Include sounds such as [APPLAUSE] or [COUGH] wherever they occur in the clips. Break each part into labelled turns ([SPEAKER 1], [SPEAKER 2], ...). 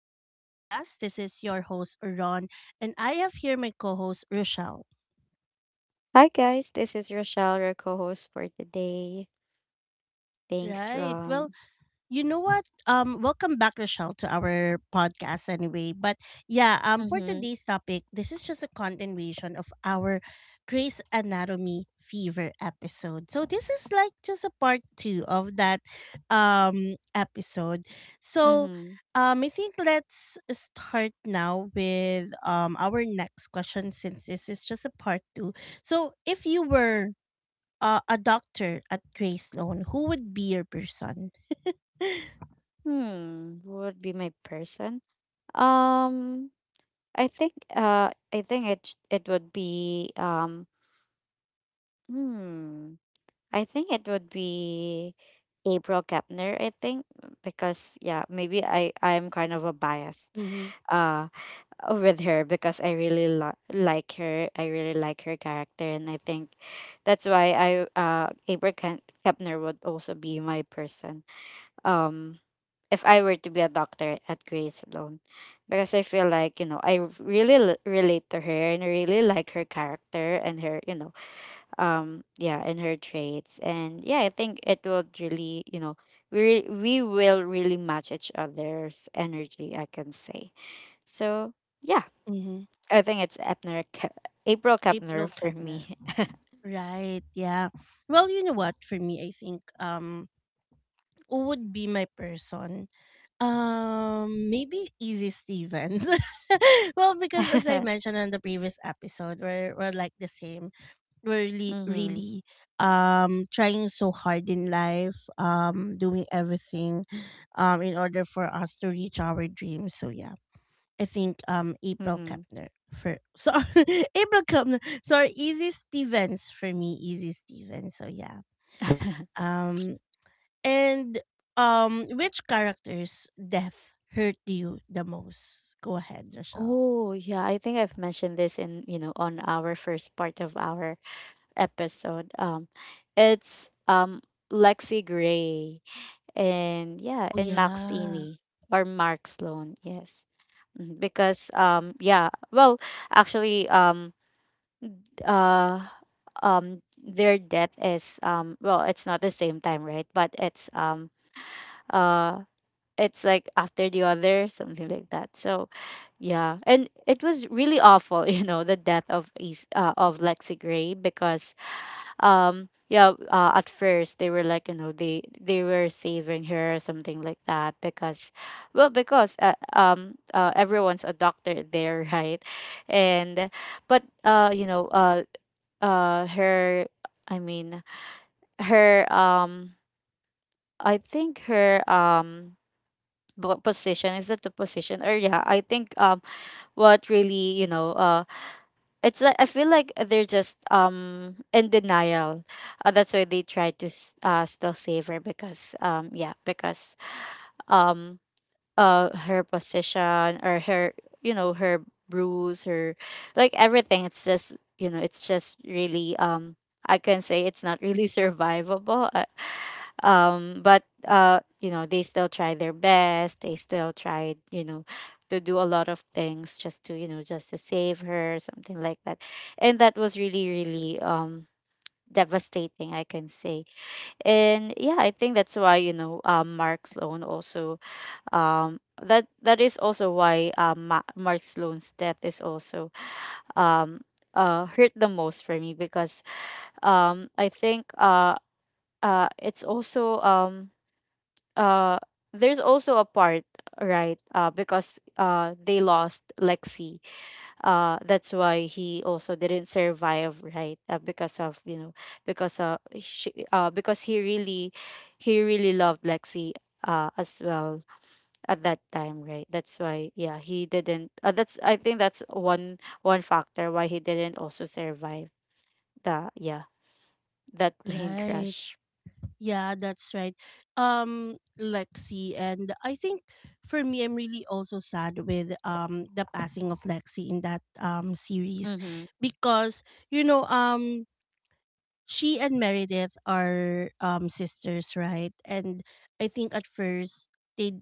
[SPEAKER 1] Growth Podcast. This is your host, Ron, and I have here my co host, Rochelle.
[SPEAKER 2] Hi guys, this is Rochelle, your co-host for today. Thanks,
[SPEAKER 1] Right. Well,
[SPEAKER 2] Ron.
[SPEAKER 1] You know what? Welcome back, Rochelle, to our podcast anyway. But yeah, for
[SPEAKER 2] Mm-hmm.
[SPEAKER 1] today's topic, this is just a continuation of our Grace Anatomy Fever episode. So this is like just a part two of that episode. So
[SPEAKER 2] Mm-hmm.
[SPEAKER 1] I think let's start now with our next question since this is just a part two. So if you were a doctor at Greystone, who would be your person? [LAUGHS]
[SPEAKER 2] Hmm. who Would be my person. Um, I think. I think it would be. Hmm. I think it would be April Kepner. I think because yeah, maybe I'm kind of a biased.
[SPEAKER 1] Mhm.
[SPEAKER 2] uh, with her because I like her. I really like her character, and I think that's why I Abra Kepner would also be my person. Um, if I were to be a doctor at Grace alone, because I feel like, you know, I relate to her, and I really like her character and her, yeah, and her traits, and yeah, I think it would really, we will really match each other's energy, I can say. So, yeah,
[SPEAKER 1] Mm-hmm.
[SPEAKER 2] I think it's April Kepner
[SPEAKER 1] April
[SPEAKER 2] for
[SPEAKER 1] Kepner.
[SPEAKER 2] me.
[SPEAKER 1] Right, yeah. Well, you know what? For me, I think who would be my person? Maybe Easy Stevens. [LAUGHS] Well,
[SPEAKER 2] [LAUGHS]
[SPEAKER 1] because as I
[SPEAKER 2] Mm-hmm.
[SPEAKER 1] mentioned on the previous episode, we're like the same. We're really, really trying so hard in life, doing everything in order for us to reach our dreams. So yeah, I think april
[SPEAKER 2] Mm-hmm.
[SPEAKER 1] kepner for sorry [LAUGHS] april kepner sorry easy stevens for me, easy stevens. So yeah,
[SPEAKER 2] [LAUGHS]
[SPEAKER 1] um and which character's death hurt you the most? Go ahead, Rochelle.
[SPEAKER 2] Oh, yeah, I think I've mentioned this in, you know, on our first part of our episode. It's Lexi Gray, and yeah,
[SPEAKER 1] Oh
[SPEAKER 2] and Max
[SPEAKER 1] yeah.
[SPEAKER 2] Amy or Mark Sloan, yes. Mhm. Because yeah, well, actually uh their death is, well, it's not the same time, right? But it's, uh it's like after the other, something like that. So yeah, and it was really awful. [LAUGHS] You know, the death of Lexi Gray, because yeah, at first they were like, you know, they were saving her or something like that, because well, because everyone's a doctor [LAUGHS] there, right? and but you know Her, i mean her, I think her, position, is that the position? Or yeah, I think, what really, it's like I feel like they're just, in denial. That's why they try to still save her, because yeah, because um her position or her, you know, her bruise, her, like everything, it's just, you know, it's just really, I can say it's not really [LAUGHS] survivable. But You know, they still try their best, they still tried, you know, to do a lot of things just to, you know, just to save her, something like that. And that was really, really, devastating, I can say. And yeah, I think that's why, you know, Mark Sloan also, that, that is also why, Mark Sloan's death is also, um hurt the most for me, because I think, it's also, uh there's also a part, right? Because they lost Lexi, that's why he also didn't survive, right? Because of, you know, because because he really, he really loved Lexi as well at that time, right? That's why yeah, he didn't, that's, I think that's one factor why he didn't also survive the, yeah, that [LAUGHS] plane
[SPEAKER 1] Right.
[SPEAKER 2] crash.
[SPEAKER 1] Yeah, that's right. Lexi, and I think for me, I'm really also sad with the passing of Lexi in that series,
[SPEAKER 2] Mm-hmm.
[SPEAKER 1] because you know um she and Meredith are sisters, right? And I think at first they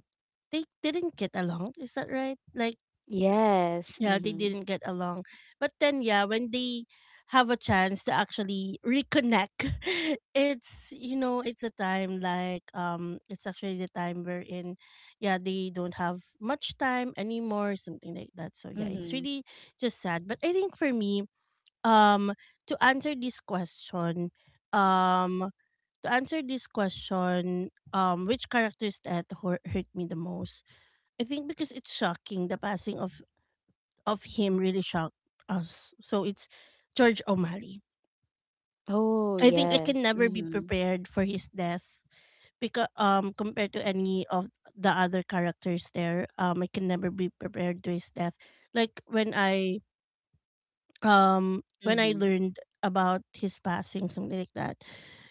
[SPEAKER 1] they didn't get along. Is that right? Like
[SPEAKER 2] Yes.
[SPEAKER 1] yeah, they
[SPEAKER 2] Mm-hmm.
[SPEAKER 1] didn't get along. But then yeah, when they have a chance to actually reconnect, [LAUGHS] it's a time like it's actually the time wherein yeah, they don't have much time anymore, something like that. So yeah, it's
[SPEAKER 2] Mm-hmm.
[SPEAKER 1] really just sad. But I think for me, um to answer this question, um which characters that hurt me the most? I think because it's shocking, the passing of him really shocked us. So it's George O'Malley.
[SPEAKER 2] Oh
[SPEAKER 1] I think I
[SPEAKER 2] yes.
[SPEAKER 1] can never be
[SPEAKER 2] Mm-hmm.
[SPEAKER 1] prepared for his death, because compared to any of the other characters there, I can never be prepared to his death. Like when I
[SPEAKER 2] Mm-hmm.
[SPEAKER 1] learned about his passing, something like that,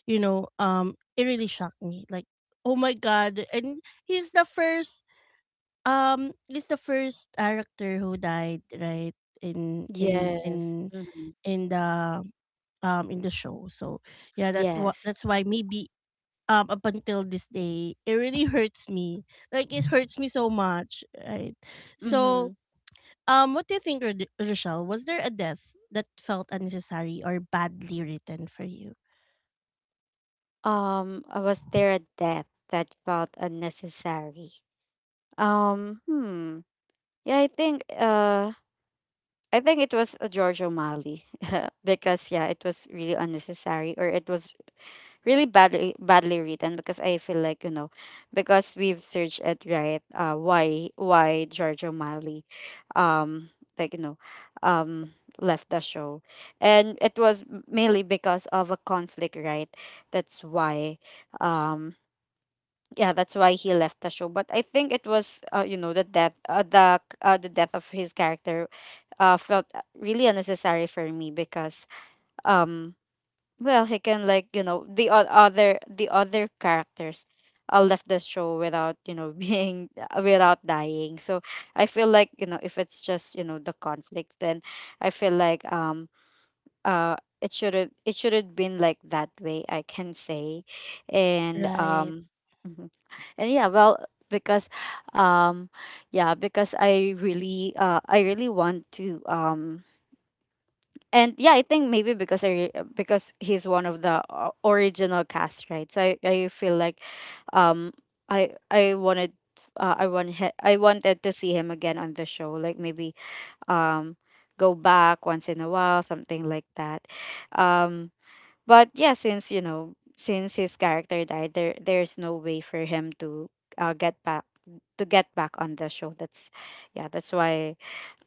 [SPEAKER 1] it really shocked me. Like, oh my god. And he's the first character who died, right? In in
[SPEAKER 2] Yes.
[SPEAKER 1] in
[SPEAKER 2] Mm-hmm.
[SPEAKER 1] in the in the show. So yeah, that what
[SPEAKER 2] Yes.
[SPEAKER 1] that's why maybe up until this day it really hurts me. Like it hurts me so much, right?
[SPEAKER 2] Mm-hmm.
[SPEAKER 1] So what do you think, Rochelle? Was there a death that felt unnecessary or badly written for you?
[SPEAKER 2] Was there a death that felt unnecessary? Hmm. Yeah, I think. I think it was a George O'Malley [LAUGHS] because yeah, it was really unnecessary, or it was really badly written, because I feel like, you know, because we've searched it, right? Why George O'Malley, um like, you know, um left the show? And it was mainly because of a conflict, right? That's why, um yeah, that's why he left the show. But I think it was, you know, the death, the death of his character felt, really unnecessary for me, because um well, he can, like, you know, the other characters left the show without, you know, [LAUGHS] being, without dying. So I feel like, you know, if it's just, you know, the conflict, then I feel like, uh it shouldn't been like that way, I can say. And
[SPEAKER 1] Right,
[SPEAKER 2] mhm. And yeah, well, because um yeah, because I really, I really want to, and yeah, I think maybe because I because he's one of the original cast, right? So I feel like, um, I wanted, I wanted to see him again on the show, like maybe, um, go back once in a while, something like that, um. But yeah, since, you know, since his character died, there's no way for him to, get back, to get back on the show. That's, yeah, that's why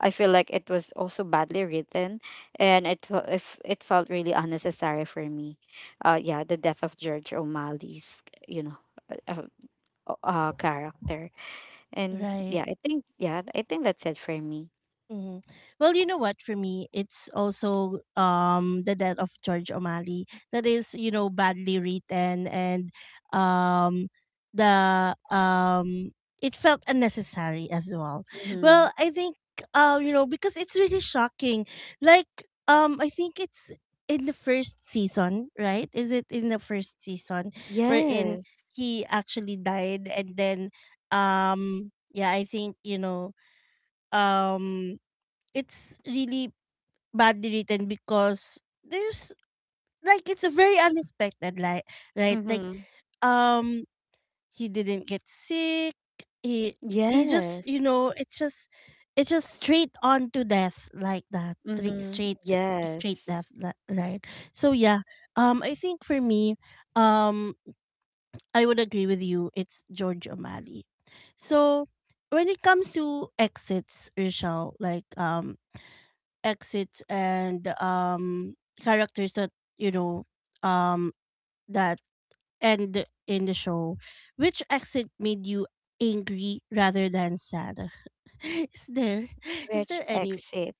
[SPEAKER 2] I feel like it was also badly written, and it fe- if it felt really unnecessary for me. Yeah, the death of George O'Malley's, you know, uh, character, and
[SPEAKER 1] right.
[SPEAKER 2] yeah, I think, yeah, I think that's it for me.
[SPEAKER 1] hmm Well, you know what? For me, it's also the death of George O'Malley that is, you know, badly written, and um the it felt unnecessary as well.
[SPEAKER 2] Mm-hmm.
[SPEAKER 1] Well, I think you know because it's really shocking. Like I think it's in the first season, right? Is it in the first season wherein
[SPEAKER 2] Yes.
[SPEAKER 1] he actually died? And then yeah, I think you know um it's really badly written because there's like it's a very unexpected, like right, like
[SPEAKER 2] Mm-hmm.
[SPEAKER 1] um he didn't get sick, he just you
[SPEAKER 2] Yes.
[SPEAKER 1] know it's just straight on to death, like that
[SPEAKER 2] Mm-hmm.
[SPEAKER 1] straight to, straight
[SPEAKER 2] Yes.
[SPEAKER 1] death. Right. So yeah, I think for me, um I would agree with you, it's George O'Malley. So when it comes to exits, Rachel, like exits and characters that you know um that end in the show, which exit made you angry rather than sad? [LAUGHS] Is there is
[SPEAKER 2] Which
[SPEAKER 1] there any
[SPEAKER 2] exit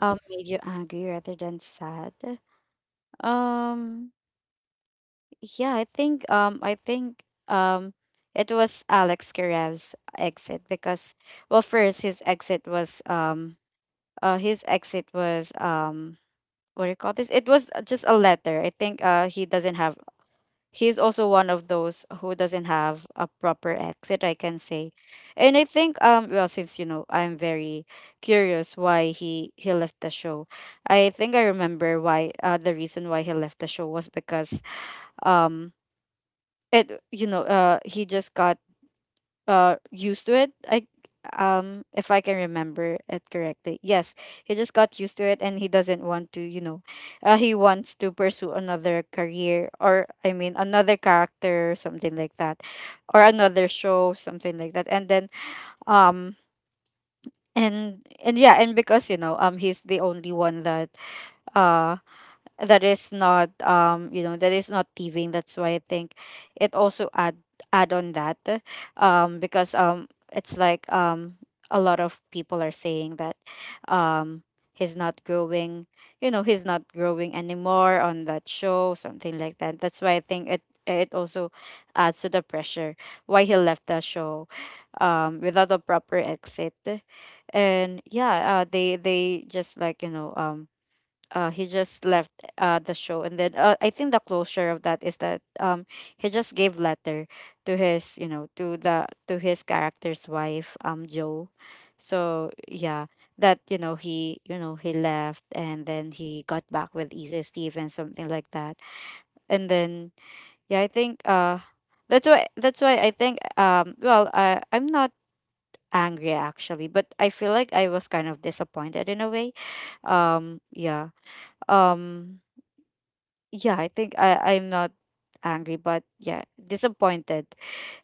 [SPEAKER 2] made you angry rather than sad? Um yeah, I think, um it was Alex Kirev's exit, because well, first his exit was, his exit was, what do you call this? It was, just a letter. I think he doesn't have, he's also one of those who doesn't have a proper exit, I can say. And I think, well, since, you know, I'm very curious why he left the show, I think I remember why, the reason why he left the show was because, um it, you know, he just got, used to it, I if I can remember it correctly, yes, he just got used to it, and he doesn't want to, you know, he wants to pursue another career, or I mean another character, something like that, or another show, something like that. And then, um and yeah, and because, you know, he's the only one that, uh that is not, you know, that is not thieving, that's why I think it also add, add on that, because it's like, a lot of people are saying that, um he's not growing, you know, he's not growing anymore on that show, something like that. That's why I think it, it also adds to the pressure why he left the show, without a proper exit. And yeah, they just, like, you know, he just left the show, and then, I think the closure of that is that, he just gave letter to his, you know, to the, to his character's wife, Joe. So yeah, that, you know, he, you know, he left, and then he got back with Easy Steve and something like that. And then yeah, I think, that's why, that's why I think, well, I, I'm not angry actually, but I feel like I was kind of disappointed in a way. um yeah um yeah, I think I, I'm not angry, but yeah, disappointed,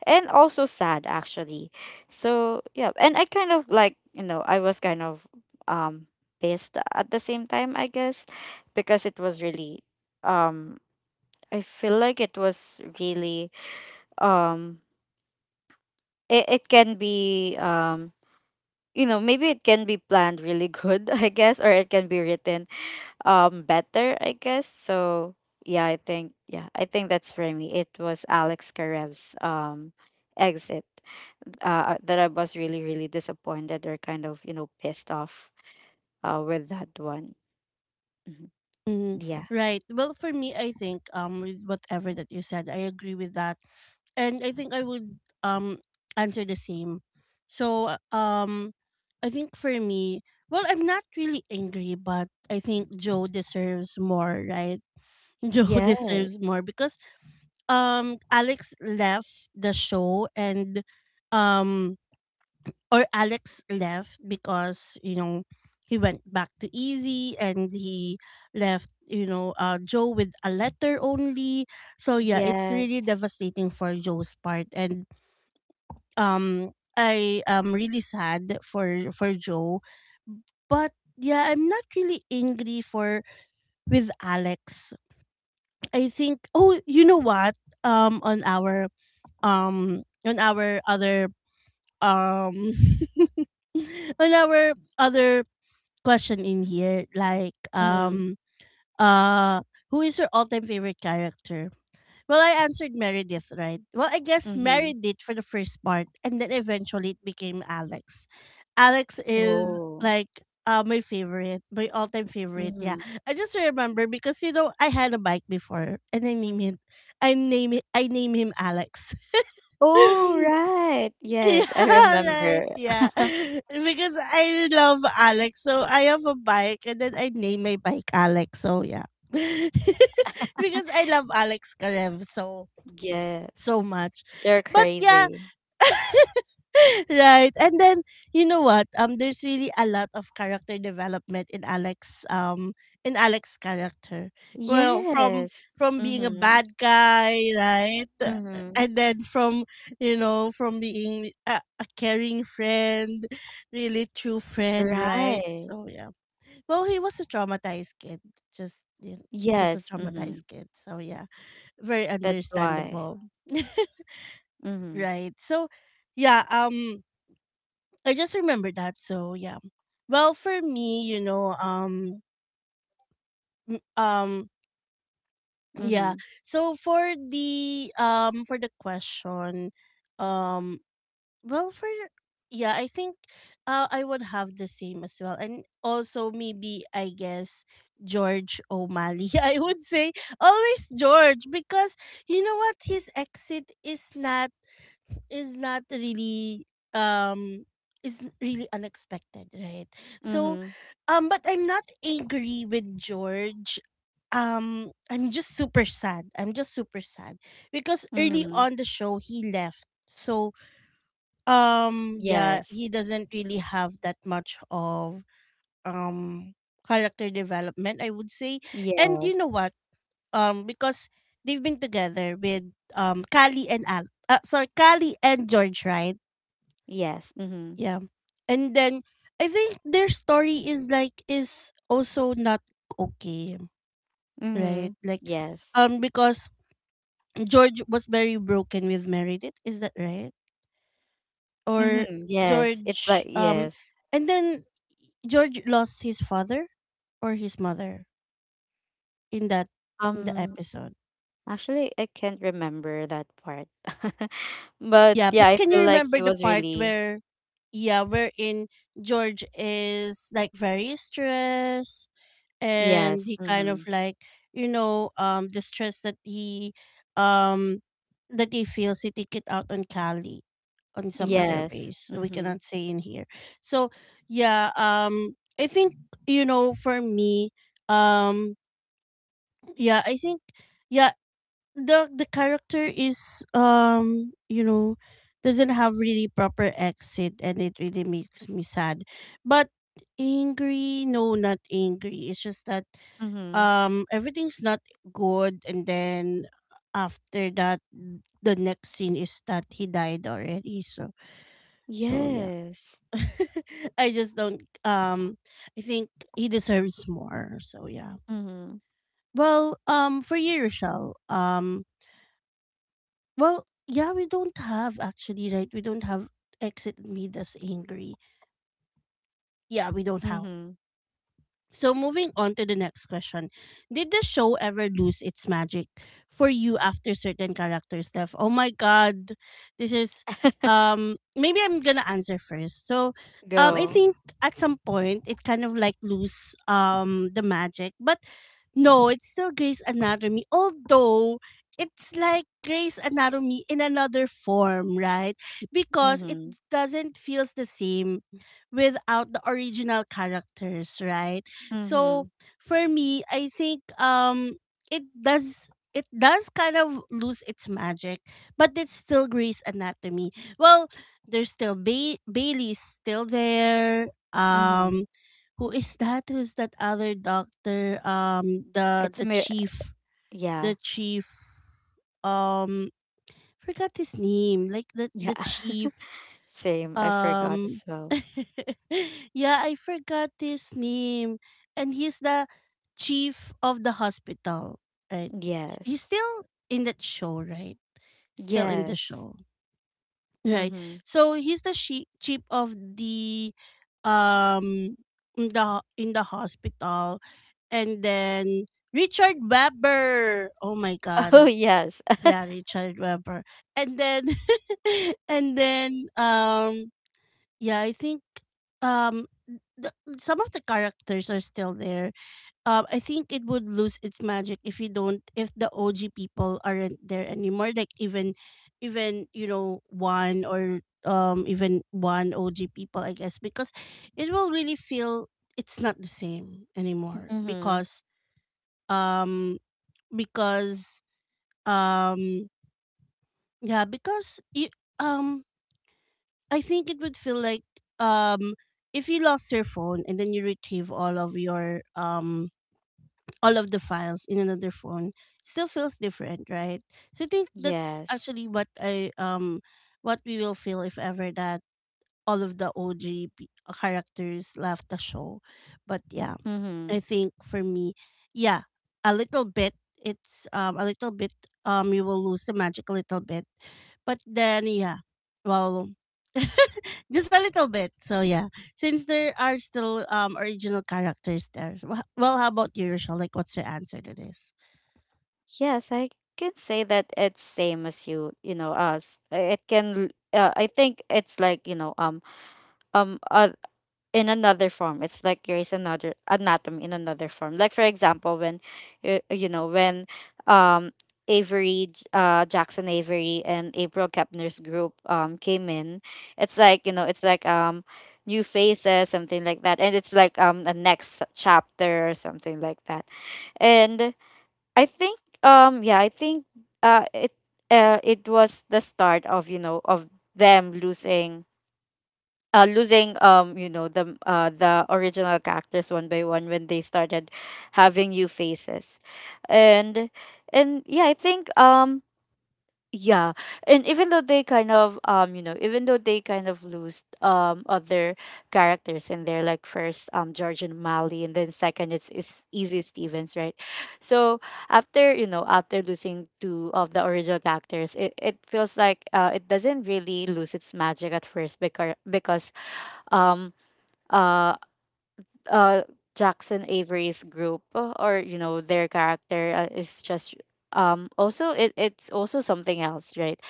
[SPEAKER 2] and also sad actually. So yeah, and I kind of, like, you know, I was kind of, um pissed at the same time, I guess, because it was really, um I feel like it was really, um it, it can be, you know, maybe it can be planned really good [LAUGHS] I guess, or it can be written better, I guess. So yeah, I think, yeah, I think that's for me. It was Alex Karev's exit, that I was really, really disappointed, or kind of, you know, pissed off with that one. Mhm.
[SPEAKER 1] Mhm.
[SPEAKER 2] Yeah.
[SPEAKER 1] Right. Well, for me, I think with whatever that you said, I agree with that, and I think I would um answer the same. So I think for me, well, I'm not really angry, but I think Joe deserves more, right? [LAUGHS] Joe
[SPEAKER 2] Yes.
[SPEAKER 1] deserves more because Alex left the show, and um or Alex left because, you know, he went back to Easy, and he left, you know, Joe with a letter only. So yeah, it's really
[SPEAKER 2] Yes.
[SPEAKER 1] devastating for Joe's part, and um I am really sad for Joe, but yeah, I'm not really angry for with Alex. I think, oh, you know what? Um on our um, on our other um [LAUGHS] on our other question in here, like
[SPEAKER 2] Mm-hmm.
[SPEAKER 1] uh who is your all-time favorite character? Well, I answered Meredith, right? Well, I guess
[SPEAKER 2] Mm-hmm.
[SPEAKER 1] Meredith for the first part, and then eventually it became Alex. Alex is
[SPEAKER 2] Oh.
[SPEAKER 1] like my favorite, my all time favorite. Yeah,
[SPEAKER 2] Mm-hmm.
[SPEAKER 1] I just remember because you know I had a bike before, and I name him Alex. [LAUGHS]
[SPEAKER 2] Oh
[SPEAKER 1] Yeah,
[SPEAKER 2] right. Yes, I
[SPEAKER 1] right.
[SPEAKER 2] remember.
[SPEAKER 1] Yeah,
[SPEAKER 2] [LAUGHS]
[SPEAKER 1] because I love Alex, so I have a bike, and then I name my bike Alex. So yeah. [LAUGHS] Because I love Alex Karev, so so
[SPEAKER 2] Yes.
[SPEAKER 1] much.
[SPEAKER 2] You're
[SPEAKER 1] But yeah,
[SPEAKER 2] crazy.
[SPEAKER 1] [LAUGHS] right. And then you know what? There's really a lot of character development in Alex, in Alex's character. Well,
[SPEAKER 2] Yes.
[SPEAKER 1] from being a
[SPEAKER 2] Mm-hmm.
[SPEAKER 1] bad guy, right?
[SPEAKER 2] Mm-hmm.
[SPEAKER 1] And then from, you know, from being a caring friend, really true friend, right?
[SPEAKER 2] Right.
[SPEAKER 1] So yeah. Well, he was a traumatized kid. Just you know, just a
[SPEAKER 2] Yes. Mm-hmm.
[SPEAKER 1] traumatized kid. So yeah, very
[SPEAKER 2] That's why.
[SPEAKER 1] understandable. [LAUGHS]
[SPEAKER 2] Mm-hmm.
[SPEAKER 1] Right. So, yeah, I just remember that. So, yeah. Well, for me, you know, m- um yeah.
[SPEAKER 2] Mm-hmm.
[SPEAKER 1] So for the question, um well for yeah, I think I would have the same as well. And also maybe I guess George O'Malley. [LAUGHS] I would say always George, because you know what, his exit is not really um really unexpected, right? So
[SPEAKER 2] Mm-hmm.
[SPEAKER 1] but I'm not angry with George. I'm just super sad. I'm just super sad because early
[SPEAKER 2] Mm-hmm.
[SPEAKER 1] on the show he left. So yeah,
[SPEAKER 2] Yes.
[SPEAKER 1] he doesn't really have that much of um character development, I would say. And you
[SPEAKER 2] Yes.
[SPEAKER 1] know what? Because they've been together with Callie and Al sorry, Callie and George, right?
[SPEAKER 2] Yes. Mm-hmm.
[SPEAKER 1] Yeah. And then I think their story is like is also not okay,
[SPEAKER 2] Mm-hmm.
[SPEAKER 1] right? Like
[SPEAKER 2] Yes.
[SPEAKER 1] because George was very broken with Meredith, is that right? Or
[SPEAKER 2] Mm-hmm. Yes. It's like
[SPEAKER 1] George
[SPEAKER 2] yes.
[SPEAKER 1] and then George lost his father or his mother in that in the
[SPEAKER 2] Um
[SPEAKER 1] episode.
[SPEAKER 2] Actually I can't remember that part. [LAUGHS] But
[SPEAKER 1] Yeah,
[SPEAKER 2] yeah,
[SPEAKER 1] but
[SPEAKER 2] I
[SPEAKER 1] can you
[SPEAKER 2] feel like
[SPEAKER 1] remember
[SPEAKER 2] he
[SPEAKER 1] the
[SPEAKER 2] was
[SPEAKER 1] part
[SPEAKER 2] really
[SPEAKER 1] where yeah, wherein George is like very stressed, and
[SPEAKER 2] yes.
[SPEAKER 1] he kind
[SPEAKER 2] Mm-hmm.
[SPEAKER 1] of like you know the stress um that he feels, he take it out on Cali on some other
[SPEAKER 2] Yes.
[SPEAKER 1] ways we
[SPEAKER 2] Mm-hmm.
[SPEAKER 1] cannot say in here. So yeah, I think you know for me, um yeah I think yeah, the character is you know, doesn't have really proper exit, and it really makes me sad. But angry, no, not angry. It's just that
[SPEAKER 2] Mm-hmm.
[SPEAKER 1] everything's not good, and then after that the next scene is that he died already. So so yeah,
[SPEAKER 2] Yes.
[SPEAKER 1] [LAUGHS] I just don't I think he deserves more, so yeah.
[SPEAKER 2] Mm-hmm.
[SPEAKER 1] Well, for you, Rochelle, well yeah we don't have actually right we don't have exit made us angry, yeah we don't have.
[SPEAKER 2] Mm-hmm.
[SPEAKER 1] So moving on to the next question. Did the show ever lose its magic for you after certain characters left? Oh my god. This is
[SPEAKER 2] [LAUGHS]
[SPEAKER 1] maybe I'm gonna answer first. So I
[SPEAKER 2] Go.
[SPEAKER 1] think at some point it kind of like lose the magic. But no, it's still Grey's Anatomy. Although it's like Grey's Anatomy in another form, right? Because it
[SPEAKER 2] Mm-hmm.
[SPEAKER 1] doesn't feels the same without the original characters, right?
[SPEAKER 2] Mm-hmm.
[SPEAKER 1] So for me, I think it does it does kind of lose its magic, but it's still Grey's Anatomy. Well, there's still Bailey's still there.
[SPEAKER 2] Mm-hmm.
[SPEAKER 1] Um, who is that? Who's that other doctor? The
[SPEAKER 2] It's
[SPEAKER 1] the
[SPEAKER 2] me.
[SPEAKER 1] chief,
[SPEAKER 2] Yeah.
[SPEAKER 1] the chief. Um, forgot his name. Like the
[SPEAKER 2] Yeah.
[SPEAKER 1] the
[SPEAKER 2] [LAUGHS]
[SPEAKER 1] chief
[SPEAKER 2] Same. I forgot
[SPEAKER 1] um
[SPEAKER 2] as well.
[SPEAKER 1] [LAUGHS] yeah, I forgot his name. And he's the chief of the hospital, right? He's
[SPEAKER 2] Yes.
[SPEAKER 1] still in that show, right? Still in the
[SPEAKER 2] Yes.
[SPEAKER 1] show. Right.
[SPEAKER 2] Mm-hmm.
[SPEAKER 1] So he's the chief of the um in the in the hospital, and then Richard Weber. Oh my
[SPEAKER 2] [LAUGHS] Oh,
[SPEAKER 1] god.
[SPEAKER 2] yes. [LAUGHS]
[SPEAKER 1] Yeah, Richard Weber. And then [LAUGHS] and then yeah, I think um the, some of the characters are still there. I think it would lose its magic if you don't if the OG people aren't there anymore. Like even you know one or even one OG people, I guess, because it will really feel it's not the same anymore,
[SPEAKER 2] Mm-hmm.
[SPEAKER 1] because um because um yeah, because um I think it would feel like um if you lost your phone and then you retrieve all of your all of the files in another phone, it still feels different, right? So I think that's
[SPEAKER 2] Yes.
[SPEAKER 1] actually what we will feel if ever that all of the OG characters left the show. But yeah,
[SPEAKER 2] Mm-hmm.
[SPEAKER 1] I think for me, yeah, a little bit. It's a little bit you will lose the magic a little bit, but then yeah, well, [LAUGHS] just a little bit. So yeah, since there are still original characters there. Well, how about you, Rochelle? Like, what's your answer to this?
[SPEAKER 2] Yes, I can say that it's same as you, you know, us. It can I think it's like, you know, um uh, in another form. It's like Grey's another anatomy in another form. Like for example, when y- you know when um Avery Jackson Avery and April Kepner's group came in, it's like you know it's like new faces something like that, and it's like a next chapter or something like that. And I think uh it it was the start of of them losing losing the original characters one by one when they started having new faces. And and yeah i think um yeah and even though they kind of even though they kind of lose other characters in there, like first georgian malley, and then second it's is easy stevens, right? So after after losing two of the original characters, it feels like it doesn't really lose its magic at first, because um uh uh Jackson Avery's group or their character is just also it's also something else, right?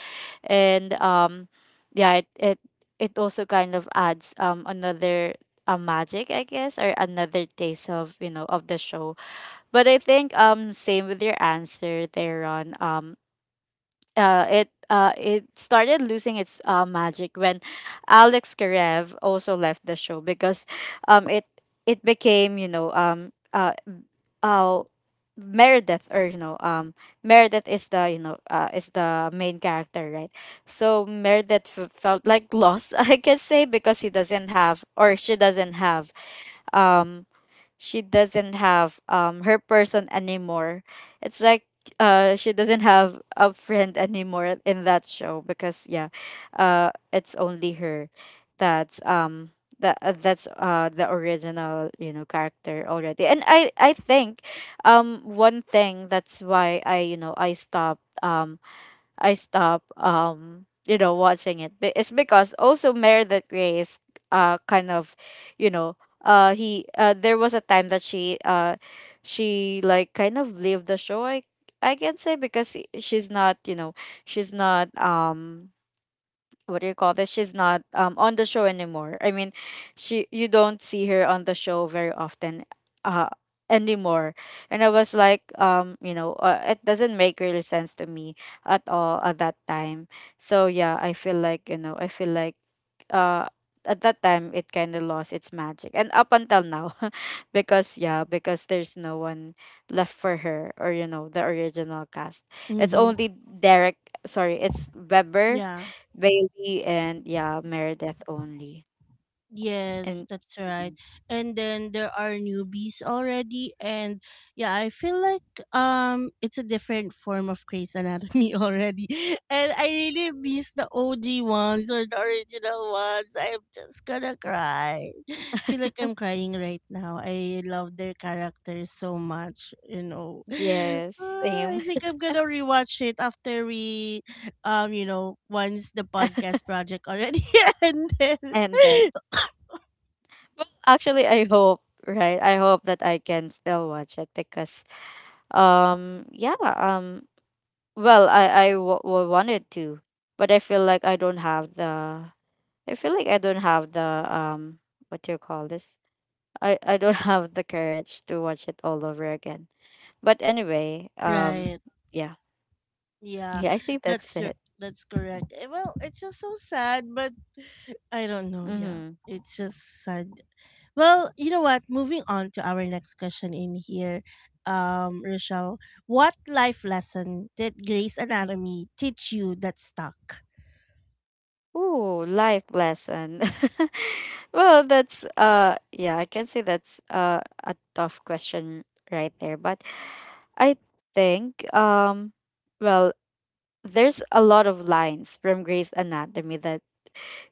[SPEAKER 2] And yeah it it, it also kind of adds another magic, I guess, or another taste of of the show. But I think same with your answer there on it started losing its magic when Alex Karev also left the show, because um it it became uh Meredith, or Meredith is the is the main character, right? So Meredith felt like lost, [LAUGHS] I can say, because he doesn't have, or she doesn't have, um she doesn't have her person anymore. It's like she doesn't have a friend anymore in that show, because yeah, it's only her that's that's the original character already. And I think one thing that's why I stopped, I stop watching it. It's because also Meredith Grey is kind of, you know he there was a time that she like kind of leave the show, I can say, because she's not, she's not what do you call this? She's not on the show anymore. I mean, she, you don't see her on the show very often uh anymore. And I was like, it doesn't make really sense to me at all at that time. So yeah, I feel like, I feel like uh at that time it kind of lost its magic and up until now. [LAUGHS] Because yeah, because there's no one left for her, or the original cast, it's
[SPEAKER 1] Mhm.
[SPEAKER 2] only derek, sorry, it's weber,
[SPEAKER 1] Yeah.
[SPEAKER 2] Bailey, and yeah, Meredith only. And
[SPEAKER 1] Yes, that's right.
[SPEAKER 2] mhm.
[SPEAKER 1] And then there are newbies already, and yeah, I feel like it's a different form of Grey's Anatomy [LAUGHS] already. And I really miss the OG ones, or the original ones. I'm just gonna cry. [LAUGHS] Feel like I'm crying right now. I love their characters so much, you know. [SIGHS] [LAUGHS]
[SPEAKER 2] Yes,
[SPEAKER 1] Ah,
[SPEAKER 2] same.
[SPEAKER 1] I think
[SPEAKER 2] [LAUGHS]
[SPEAKER 1] I'm gonna rewatch it after we you know, once the podcast project already [LAUGHS] ended.
[SPEAKER 2] And
[SPEAKER 1] [COUGHS]
[SPEAKER 2] then, well, actually, I hope, right? I hope that I can still watch it because, um, yeah, um, well, I wanted to, but I feel like I don't have the. I feel like I don't have the, what do you call this? I don't [LAUGHS] have the courage to watch it all over again. But anyway,
[SPEAKER 1] Right.
[SPEAKER 2] yeah,
[SPEAKER 1] Yeah.
[SPEAKER 2] yeah, I think that's
[SPEAKER 1] That's r-
[SPEAKER 2] it.
[SPEAKER 1] that's correct. Well, it's just so sad, but I don't know, yeah.
[SPEAKER 2] Mm-hmm.
[SPEAKER 1] It's just sad. Well, you know what? Moving on to our next question in here, Rochelle, what life lesson did Grey's Anatomy teach you that stuck?
[SPEAKER 2] Ooh, life lesson. [LAUGHS] Well, that's yeah, I can say that's a tough question right there, but I think, well, there's a lot of lines from Grey's Anatomy that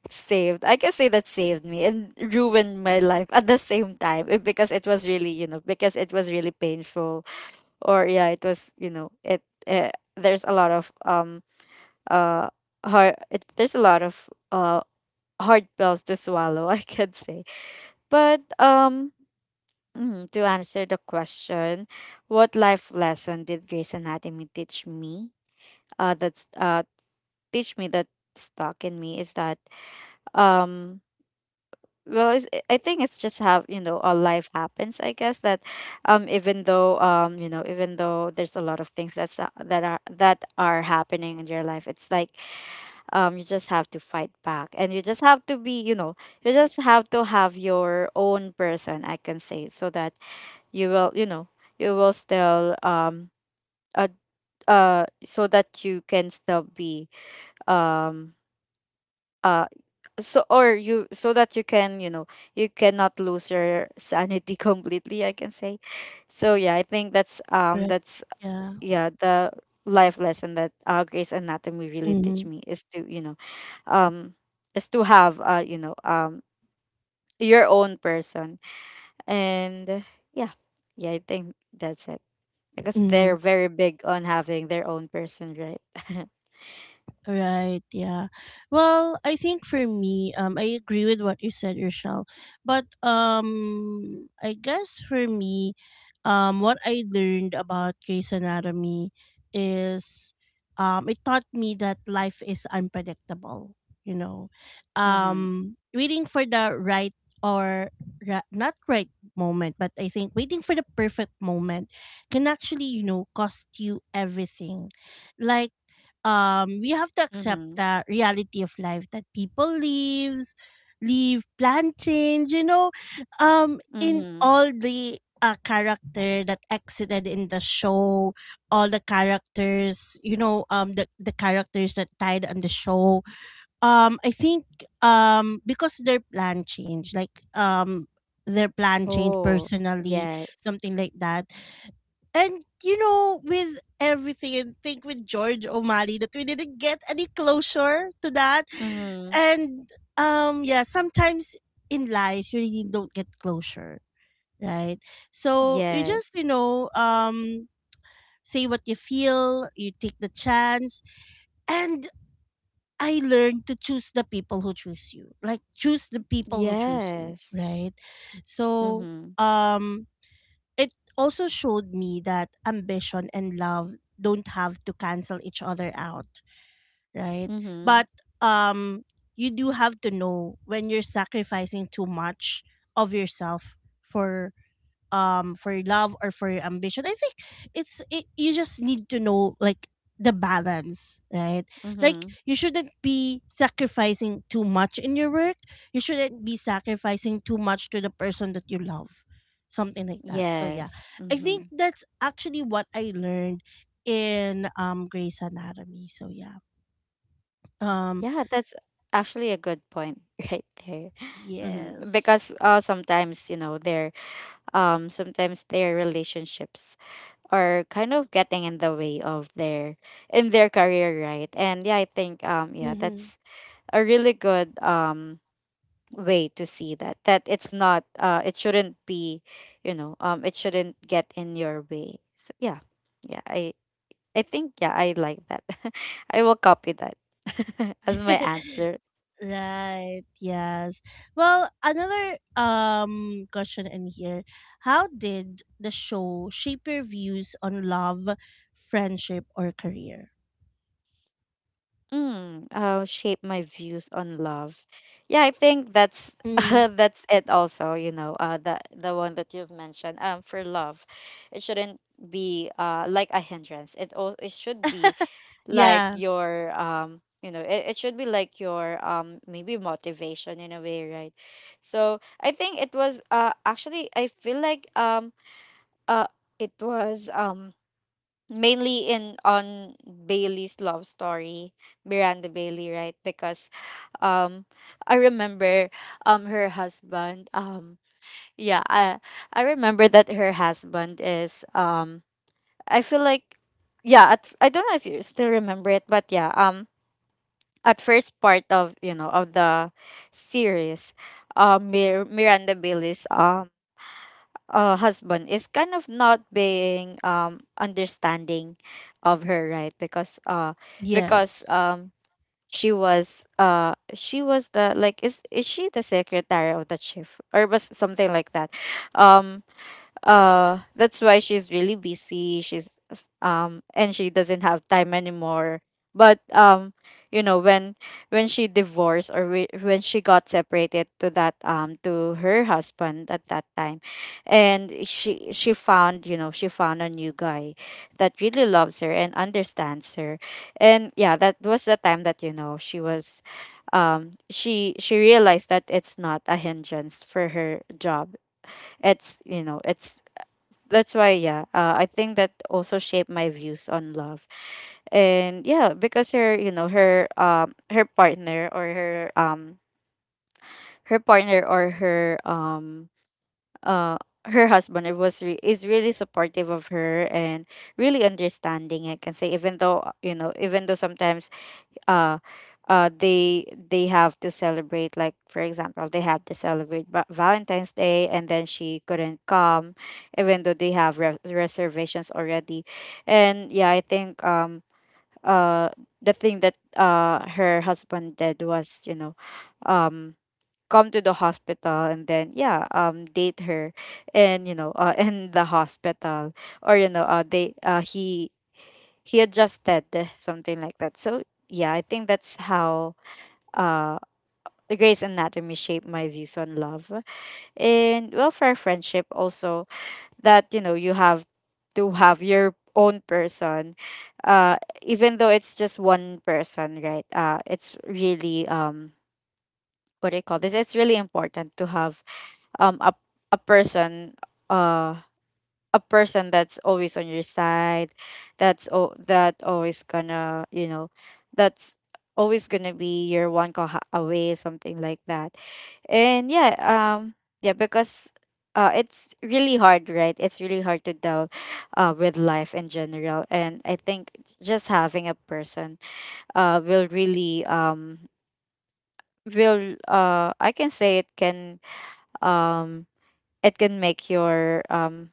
[SPEAKER 2] saved, I can say that saved me and ruined my life at the same time, eh, because it was really, you know, because it was really painful, or yeah, it was, you know, it, eh, there's a lot of uh heart, it, there's a lot of hard pills to swallow, [LAUGHS] I could say. But mm, to answer the question, what life lesson did Grey's Anatomy teach me? That's teach me that stuck in me is that, um well it's, I think it's just how, you know, a life happens, I guess, that even though, you know, even though there's a lot of things that's that are happening in your life, it's like you just have to fight back, and you just have to be, you know, you just have to have your own person, I can say, so that you will, you know, you will still uh, so that you can still be, um uh so, or you, so that you can, you know, you cannot lose your sanity [LAUGHS] completely, I can say. So yeah, I think that's
[SPEAKER 1] Right. Yeah.
[SPEAKER 2] yeah, the life lesson that Grace Anatomy really
[SPEAKER 1] Mm-hmm.
[SPEAKER 2] teach me is to, you know, um is to have you know, your own person. And yeah, yeah, I think that's it, because they're very big on having their own person, right? [LAUGHS]
[SPEAKER 1] Right, yeah. Well, I think for me, I agree with what you said, Rochelle. But I guess for me, what I learned about Grey's Anatomy is it taught me that life is unpredictable, you know.
[SPEAKER 2] Mm-hmm.
[SPEAKER 1] Waiting for the right, or not right moment, but I think waiting for the perfect moment can actually, you know, cost you everything. Like we have to accept
[SPEAKER 2] Mm-hmm.
[SPEAKER 1] the reality of life that people leaves leave, plan change, you know, in
[SPEAKER 2] Mm-hmm.
[SPEAKER 1] all the character that exited in the show, all the characters, you know, the characters that died on the show, I think because their plan changed, like their plan changed
[SPEAKER 2] Oh,
[SPEAKER 1] personally,
[SPEAKER 2] yes.
[SPEAKER 1] something like that. And you know, with everything, and think with George O'Malley that we didn't get any closure to that.
[SPEAKER 2] Mm-hmm.
[SPEAKER 1] And yeah, sometimes in life you really don't get closure, right? So you
[SPEAKER 2] Yes.
[SPEAKER 1] just, you know, say what you feel, you take the chance. And I learned to choose the people who choose you. Like, choose the people who choose you,
[SPEAKER 2] Yes.
[SPEAKER 1] right? So
[SPEAKER 2] Mm-hmm.
[SPEAKER 1] um it also showed me that ambition and love don't have to cancel each other out, right?
[SPEAKER 2] Mm-hmm.
[SPEAKER 1] But um you do have to know when you're sacrificing too much of yourself for your love or for your ambition. I think it's, you just need to know, like, the balance, right? Like,
[SPEAKER 2] Mm-hmm.
[SPEAKER 1] you shouldn't be sacrificing too much in your work, you shouldn't be sacrificing too much to the person that you love, something like that. So yeah,
[SPEAKER 2] Yes.
[SPEAKER 1] I
[SPEAKER 2] Mm-hmm.
[SPEAKER 1] think that's actually what I learned in Grey's Anatomy, so yeah, um
[SPEAKER 2] Yeah, that's actually a good point [LAUGHS] right there. Hmm.
[SPEAKER 1] yes.
[SPEAKER 2] Because sometimes, you know, their sometimes their relationships are kind of getting in the way of their, in their career, right? And yeah, I think yeah,
[SPEAKER 1] Mhm.
[SPEAKER 2] that's a really good way to see that, that it's not it shouldn't be, you know, it shouldn't get in your way. So yeah. Yeah, I think, yeah, I like that. [LAUGHS] I will copy that [LAUGHS] as my
[SPEAKER 1] [LAUGHS]
[SPEAKER 2] answer.
[SPEAKER 1] Right. Yes. Well, another question in here. How did the show shape your views on love, friendship, or career?
[SPEAKER 2] Mm, shape my views on love. Yeah, I think that's [LAUGHS]
[SPEAKER 1] Mm.
[SPEAKER 2] that's it also, you know, the one that you've mentioned. Um, for love, it shouldn't be like a hindrance. It should be
[SPEAKER 1] [LAUGHS]
[SPEAKER 2] like
[SPEAKER 1] Yeah.
[SPEAKER 2] your you know, it should be like your maybe motivation in a way, right? So I think it was actually I feel like uh it was mainly in on Bailey's love story, Miranda Bailey, right? Because um I remember her husband, yeah, I remember that her husband is, I feel like, yeah, at, I don't know if you still remember it, but yeah, at first part of, you know, of the series, Miranda Bailey's husband is kind of not being understanding of her, right? Because because
[SPEAKER 1] Yes.
[SPEAKER 2] she was the, like, is she the secretary of the chief or was something like that, um that's why she's really busy, and she doesn't have time anymore. But you know when she divorced, or when she got separated to that to her husband at that time, and she found, you know, she found a new guy that really loves her and understands her. And yeah, that was the time that, you know, she was she realized that it's not a hindrance for her job, it's, you know, it's, that's why, yeah, I think that also shaped my views on love. And yeah, because her, you know, her her partner, or her her partner, or her uh her husband, is really supportive of her and really understanding, I can say, even though, you know, even though sometimes uh uh they they have to celebrate, like for example they have to celebrate valentine's day and then she couldn't come, even though they have reservations already. And yeah, I think, uh the thing that her husband did was, you know, um come to the hospital and then, yeah, date her, and you know, [LAUGHS] in the hospital, or you know, they he adjusted, something like that. So yeah, I think that's how uh the Grey's Anatomy shaped my views on love. And well, for friendship also, that, you know, you have to have your own person, uh even though it's just one person, right? Uh, it's really, what do you call this, it's really important to have um a, a person, uh a person that's always on your side, that always gonna, you know, that's always gonna be your one call away, something like that. And yeah, yeah, because it's really hard, right? It's really hard to deal with life in general, and I think just having a person will really, will I can say it can, um it can make your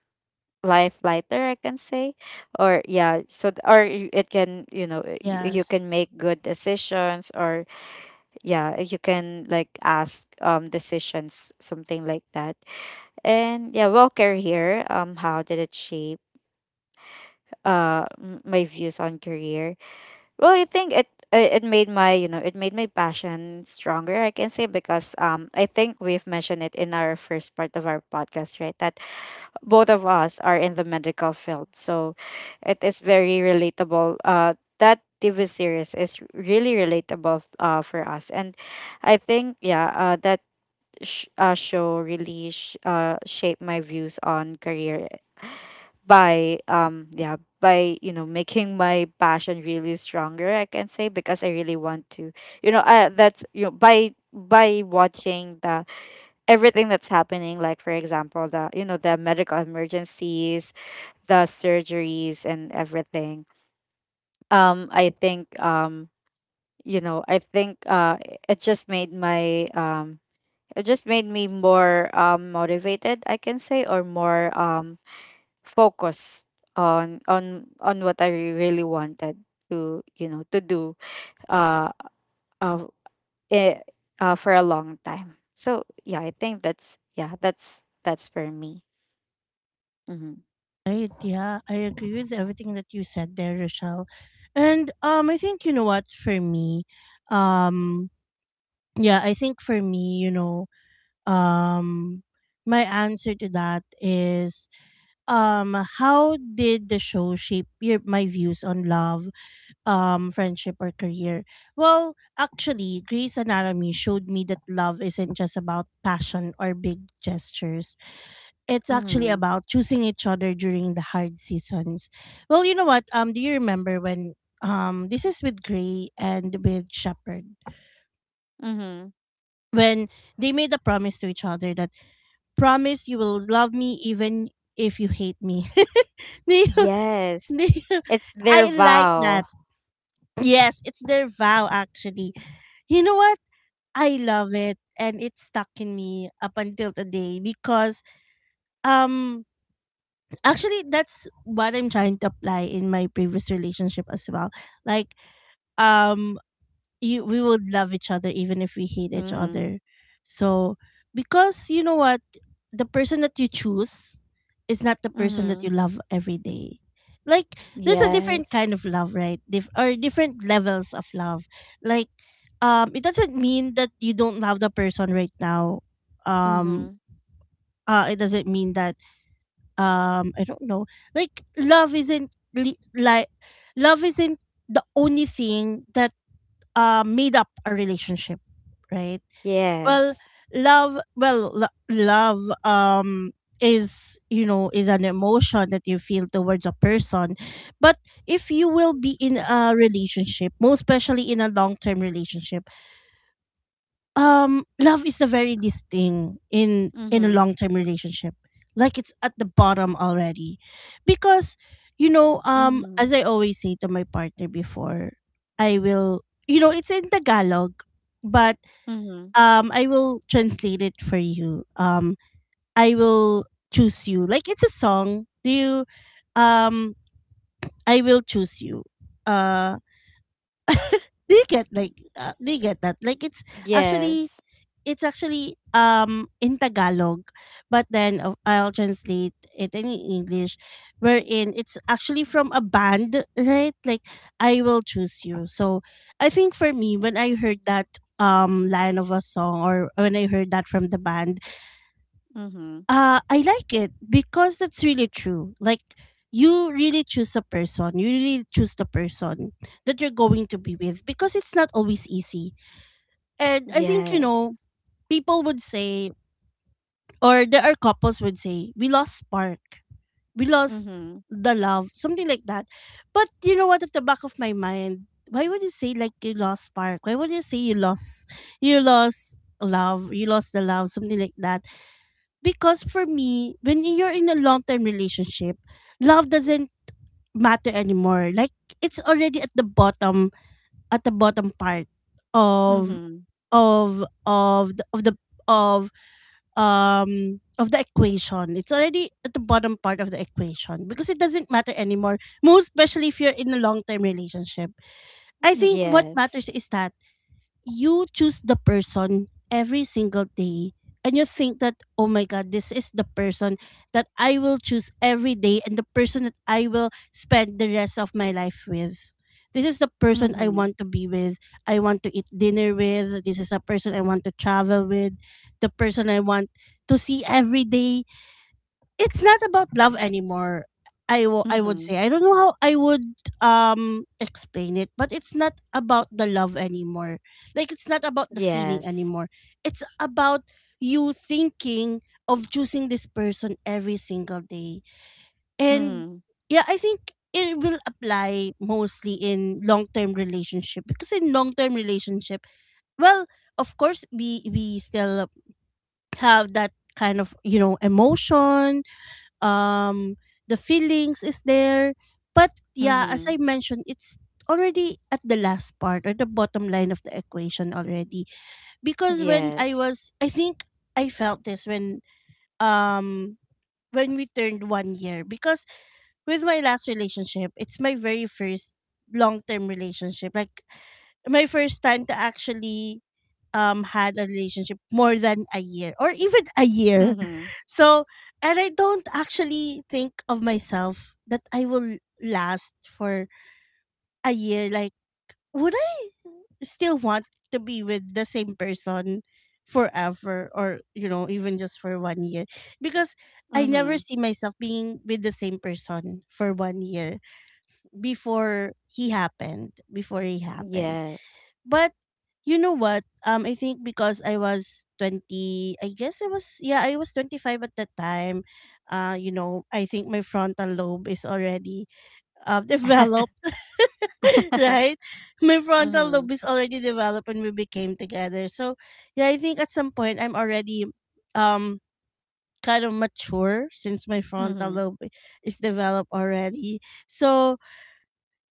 [SPEAKER 2] life lighter, I can say. Or yeah, so or it can, you know, you
[SPEAKER 1] Yes.
[SPEAKER 2] can make good decisions, or yeah, you can like ask decisions, something like that. And yeah, well, career, how did it shape my views on career? Well, I think it it made my, you know, it made my passion stronger, I can say, because I think we've mentioned it in our first part of our podcast, right? That both of us are in the medical field, so it is very relatable, that tv series is really relatable for us. And I think, yeah, that show really shaped my views on career by, yeah, by, you know, making my passion really stronger, I can say, because I really want to, you know, that's, you know, by watching the everything that's happening, like for example, the, you know, the medical emergencies, the surgeries, and everything, I think, you know, I think it just made my it just made me more motivated, I can say, or more focused on what I really wanted to you know to do uh uh, eh, for a long time. So yeah, I think that's, yeah, that's for me. Mm-hmm.
[SPEAKER 1] Right. Yeah. I agree with everything that you said there, Rochelle. And I think, you know what, for me, um, yeah, I think for me, you know, um, my answer to that is um how did the show shape your my views on love, friendship, or career. Well, actually, Grey's Anatomy showed me that love isn't just about passion or big gestures, it's actually
[SPEAKER 2] Mm-hmm.
[SPEAKER 1] about choosing each other during the hard seasons. Well, you know what, do you remember when, this is with Grey and with Shepherd,
[SPEAKER 2] Mm-hmm.
[SPEAKER 1] when they made a promise to each other that, promise you will love me even if you hate me, [LAUGHS] do you,
[SPEAKER 2] Yes,
[SPEAKER 1] [LAUGHS]
[SPEAKER 2] it's their
[SPEAKER 1] I like
[SPEAKER 2] vow.
[SPEAKER 1] that. Yes, it's their vow actually. You know what? I love it, and it stuck in me up until today, because um actually that's what I'm trying to apply in my previous relationship as well. Like um you we would love each other even if we hate each
[SPEAKER 2] Mhm.
[SPEAKER 1] other. So because you know what, the person that you choose is not the person that
[SPEAKER 2] Mhm.
[SPEAKER 1] you love every day. Like, there's a different
[SPEAKER 2] Yes.
[SPEAKER 1] kind of love, right? Dif- or Different levels of love. Like it doesn't mean that you don't love the person right now. Um
[SPEAKER 2] Mhm.
[SPEAKER 1] it doesn't mean that, I don't know. Like, love isn't the only thing that made up a relationship, right? Well,
[SPEAKER 2] Yes.
[SPEAKER 1] love, well, lo- love is, you know, is an emotion that you feel towards a person. But if you will be in a relationship, most especially in a long-term relationship, love is the very least thing in a
[SPEAKER 2] Mhm.
[SPEAKER 1] long-term relationship. Like, it's at the bottom already. Because, you know,
[SPEAKER 2] Mhm.
[SPEAKER 1] as I always say to my partner before, I will, it's in Tagalog, but
[SPEAKER 2] Mhm.
[SPEAKER 1] I will translate it for you. I will choose you. Like, it's a song. Do you um I will choose you. Uh do you get that? Like, it's actually,
[SPEAKER 2] Yes.
[SPEAKER 1] in Tagalog, but then I'll translate it in English, wherein it's actually from a band, right? Like, I will choose you. So I think for me, when I heard that line of a song, or when I heard that from the band,
[SPEAKER 2] Mhm.
[SPEAKER 1] I like it, because that's really true. Like, you really choose a person, you really choose the person that you're going to be with, because it's not always easy. And I think, you
[SPEAKER 2] Yes.
[SPEAKER 1] know, people would say, or there are couples would say, we lost spark, we lost
[SPEAKER 2] Mhm.
[SPEAKER 1] the love, something like that. But you know what, at the back of my mind, why would you say like you lost spark? Why would you say you lost love, you lost the love, something like that? Because for me, when you're in a long term relationship, love doesn't matter anymore. Like, it's already at the bottom part of
[SPEAKER 2] Mhm.
[SPEAKER 1] of the, of the of of the equation. It's already at the bottom part of the equation because it doesn't matter anymore. Most especially if you're in a long term relationship. I think what
[SPEAKER 2] Yes.
[SPEAKER 1] matters is that you choose the person every single day, and you think that, oh my god, this is the person that I will choose every day, and the person that I will spend the rest of my life with. This is the person I
[SPEAKER 2] Mhm.
[SPEAKER 1] want to be with, I want to eat dinner with. This is the person I want to travel with, the person I want to see every day. It's not about love anymore. I would
[SPEAKER 2] Mhm.
[SPEAKER 1] say, I don't know how I would explain it, but it's not about the love anymore. Like, it's not about the feeling
[SPEAKER 2] Yes.
[SPEAKER 1] anymore. It's about you thinking of choosing this person every single day. And
[SPEAKER 2] Mhm.
[SPEAKER 1] yeah, I think it will apply mostly in long-term relationship, because in long-term relationship, well, of course we still have that kind of, you know, emotion, um the feelings is there. But yeah, as
[SPEAKER 2] Mhm.
[SPEAKER 1] I mentioned, it's already at the last part or the bottom line of the equation already. Because when I
[SPEAKER 2] Yes.
[SPEAKER 1] was, I think I felt this when um when we turned 1 year, because with my last relationship, it's my very first long-term relationship, like my first time to actually had a relationship more than a year, or even a year.
[SPEAKER 2] Mhm.
[SPEAKER 1] So, and I don't actually think of myself that I will last for a year. Like, would I still want to be with the same person forever, or you know, even just for 1 year, because I never
[SPEAKER 2] Mhm.
[SPEAKER 1] see myself being with the same person for 1 year before he happened, before he happened.
[SPEAKER 2] Yes.
[SPEAKER 1] But you know what? I think because I was 20, I guess I was, yeah, I was 25 at that time. You know, I think my frontal lobe is already [LAUGHS] developed, [LAUGHS]
[SPEAKER 2] [LAUGHS]
[SPEAKER 1] right? My frontal
[SPEAKER 2] Mhm.
[SPEAKER 1] lobe is already developed when we became together. So yeah, I think at some point I'm already um kind of mature, since my frontal
[SPEAKER 2] Mhm.
[SPEAKER 1] lobe is developed already. So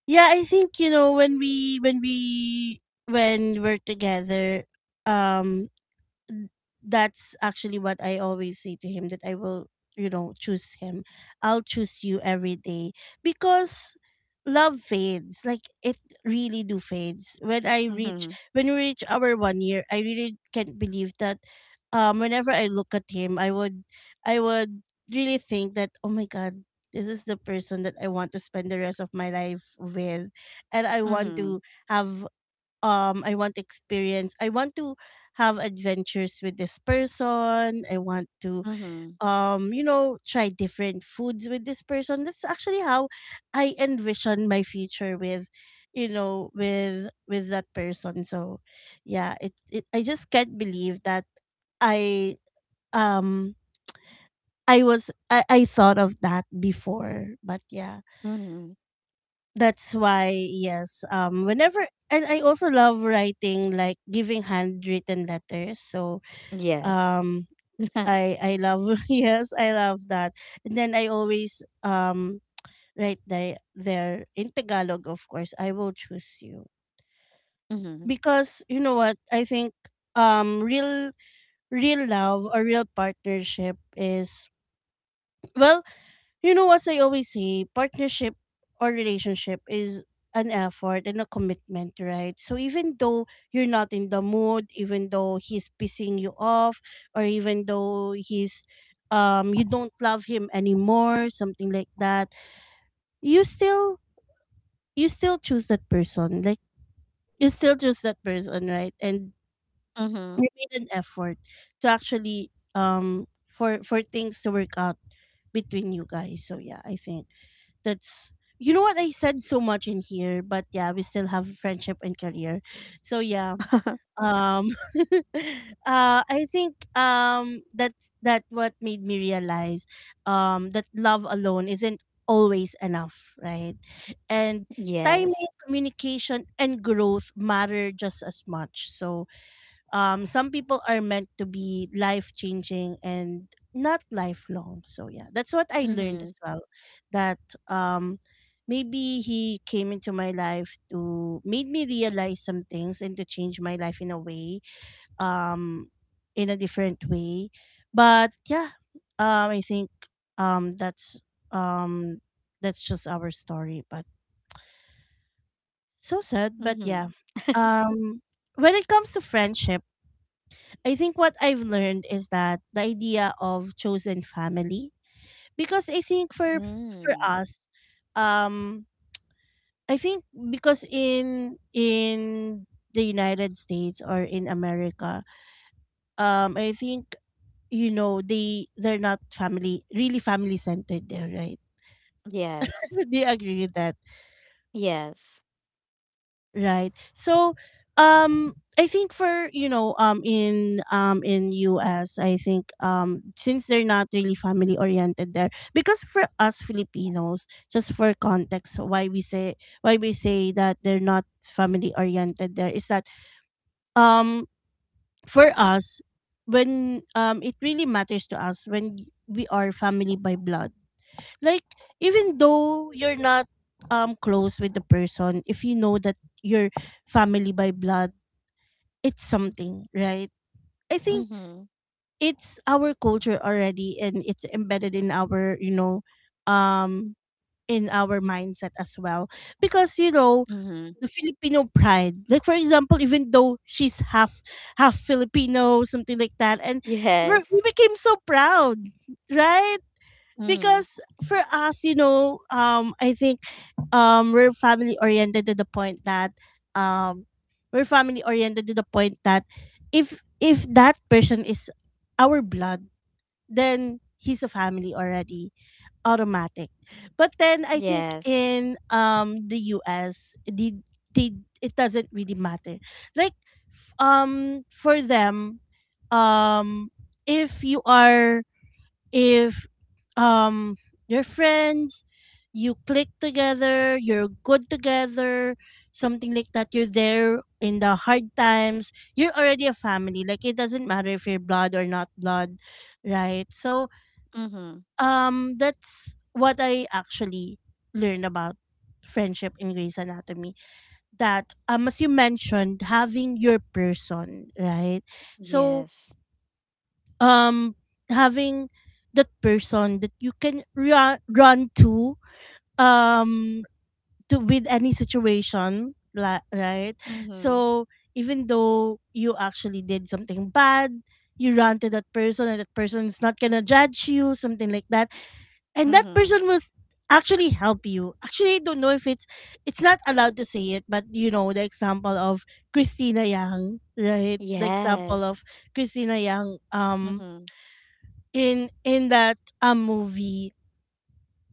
[SPEAKER 1] yeah, I think, you know, when we're together, um, n- that's actually what I always say to him, that I will, you know, choose him. I'll choose you every day, because love fades. Like, it really do fades. When I reach
[SPEAKER 2] Mhm.
[SPEAKER 1] when we reach our 1 year, I really can't believe that, whenever I look at him, I would really think that, oh my god, this is the person that I want to spend the rest of my life with, and I want
[SPEAKER 2] Mhm.
[SPEAKER 1] to have, I want experience. I want to have adventures with this person. I want to
[SPEAKER 2] Mhm.
[SPEAKER 1] try different foods with this person. That's actually how I envision my future with, you know, with that person. So yeah, it I just can't believe that I um I thought of that before. But yeah.
[SPEAKER 2] Mhm.
[SPEAKER 1] That's why, yes. Whenever— and I also love writing, like giving handwritten letters. So,
[SPEAKER 2] Yes.
[SPEAKER 1] um,
[SPEAKER 2] [LAUGHS]
[SPEAKER 1] I love [LAUGHS] yes, I love that. And then I always write there in Tagalog, of course. I will choose you
[SPEAKER 2] Mhm.
[SPEAKER 1] because you know what I think. Real real love or real partnership is well. You know, as I always say, partnership or relationship is an effort and a commitment, right? So even though you're not in the mood, even though he's pissing you off, or even though he's you don't love him anymore, something like that, you still you still choose that person. Like you still choose that person, right? And we
[SPEAKER 2] Mhm.
[SPEAKER 1] made an effort to actually for things to work out between you guys. So yeah, I think that's— you know what, I said so much in here, but yeah, we still have friendship and career. So yeah. Um [LAUGHS] I think that's that— what made me realize that love alone isn't always enough, right? And timing,
[SPEAKER 2] Yes.
[SPEAKER 1] communication and growth matter just as much. So some people are meant to be life changing and not lifelong. So yeah, that's what I learned as
[SPEAKER 2] Mhm.
[SPEAKER 1] well. That um, maybe he came into my life to made me realize some things and to change my life in a way, um, in a different way. But yeah, I think that's— um, that's just our story. But so sad. But yeah,
[SPEAKER 2] Mm-hmm.
[SPEAKER 1] um, when it comes to friendship I think what I've learned is that the idea of chosen family, because I think for
[SPEAKER 2] Mm.
[SPEAKER 1] us, um, I think because in the United States or in America, I think you know they're not family— really family centered there, right? [LAUGHS]
[SPEAKER 2] Yes.
[SPEAKER 1] Do you agree with that?
[SPEAKER 2] Yes.
[SPEAKER 1] Right. So I think for— you know in— in US I think since they're not really family oriented there, because for us Filipinos, just for context why we say that they're not family oriented there is that um for us when it really matters to us when we are family by blood, like even though you're not close with the person, if you know that you're family by blood, it's something, right? I think
[SPEAKER 2] Mm-hmm.
[SPEAKER 1] it's our culture already and it's embedded in our, you know, um in our mindset as well, because you know,
[SPEAKER 2] Mm-hmm.
[SPEAKER 1] the Filipino pride, like for example, even though she's half Filipino, something like that, and we
[SPEAKER 2] Yes.
[SPEAKER 1] became so proud, right?
[SPEAKER 2] Mm-hmm.
[SPEAKER 1] Because for us, you know, I think we're family oriented to the point that— um, we're family oriented to the point that if that person is our blood, then he's a family already, automatic. But then I think
[SPEAKER 2] Yes.
[SPEAKER 1] in the U.S. The it doesn't really matter. Like for them, um if you are— if um you're friends, you click together, you're good together, something like that, you're there in the hard times, you're already a family. Like it doesn't matter if you're blood or not blood, right? So
[SPEAKER 2] Mm-hmm.
[SPEAKER 1] that's what I actually learned about friendship in Grey's Anatomy. That as you mentioned, having your person, right? So
[SPEAKER 2] Yes.
[SPEAKER 1] um having that person that you can run um to with any situation, right?
[SPEAKER 2] Mm-hmm.
[SPEAKER 1] So even though you actually did something bad, you run to that person and that person is not gonna judge you, something like that, and that
[SPEAKER 2] Mm-hmm.
[SPEAKER 1] person will actually help you. Actually, I don't know if it's— it's not allowed to say it, but you know the example of Christina Yang, right? The example of
[SPEAKER 2] Yes.
[SPEAKER 1] Christina Yang,
[SPEAKER 2] Mm-hmm.
[SPEAKER 1] in that movie,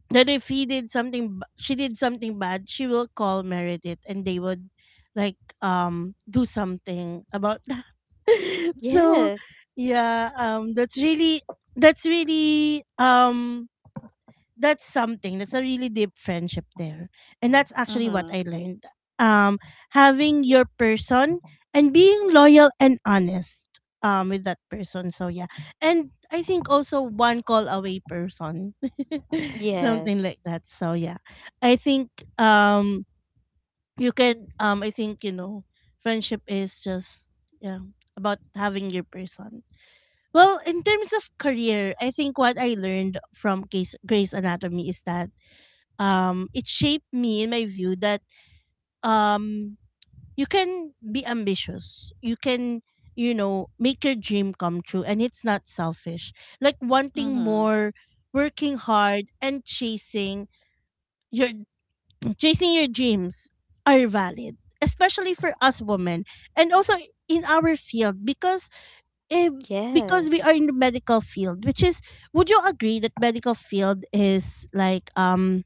[SPEAKER 1] that if he did something b- she did something bad, she will call Meredith and they would like do something about that. [LAUGHS] So
[SPEAKER 2] Yes.
[SPEAKER 1] yeah, that's really— that's really um that's something, that's a really deep friendship there, and that's actually what I
[SPEAKER 2] Mm-hmm.
[SPEAKER 1] learned. um Having your person and being loyal and honest with that person, so yeah. And I think also one call away person [LAUGHS] something like
[SPEAKER 2] Yes.
[SPEAKER 1] that, so yeah. I think um you can— I think, you know, friendship is just— yeah, about having your person. Well, in terms of career, I think what I learned from *Case* *Grey's Anatomy is that it shaped me in my view that um you can be ambitious, you can, you know, make your dream come true, and it's not selfish. Like wanting
[SPEAKER 2] Mm-hmm.
[SPEAKER 1] more, working hard and your chasing your dreams are valid, especially for us women, and also in our field because eh, because we are in
[SPEAKER 2] Yes.
[SPEAKER 1] the medical field, which is— would you agree that medical field is like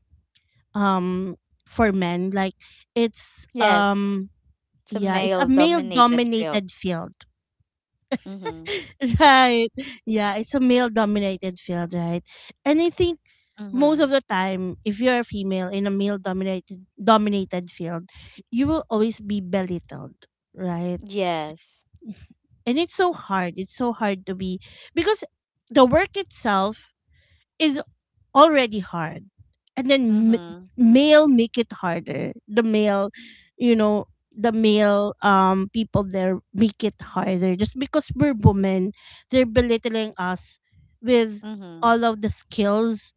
[SPEAKER 1] um for men, like it's
[SPEAKER 2] Yes. It's a
[SPEAKER 1] yeah it's a
[SPEAKER 2] male
[SPEAKER 1] male
[SPEAKER 2] dominated field.
[SPEAKER 1] dominated field,
[SPEAKER 2] Mm-hmm.
[SPEAKER 1] [LAUGHS] right? Yeah, it's a male dominated field, right? And I think most of
[SPEAKER 2] Mm-hmm.
[SPEAKER 1] the time if you're a female in a male dominated field, you will always be belittled, right?
[SPEAKER 2] Yes.
[SPEAKER 1] And it's so hard, it's so hard to be— because the work itself is already hard, and then
[SPEAKER 2] Mm-hmm.
[SPEAKER 1] male make it harder, the male— you know the male people there make it harder just because we're women, they're belittling us with
[SPEAKER 2] Mm-hmm.
[SPEAKER 1] all of the skills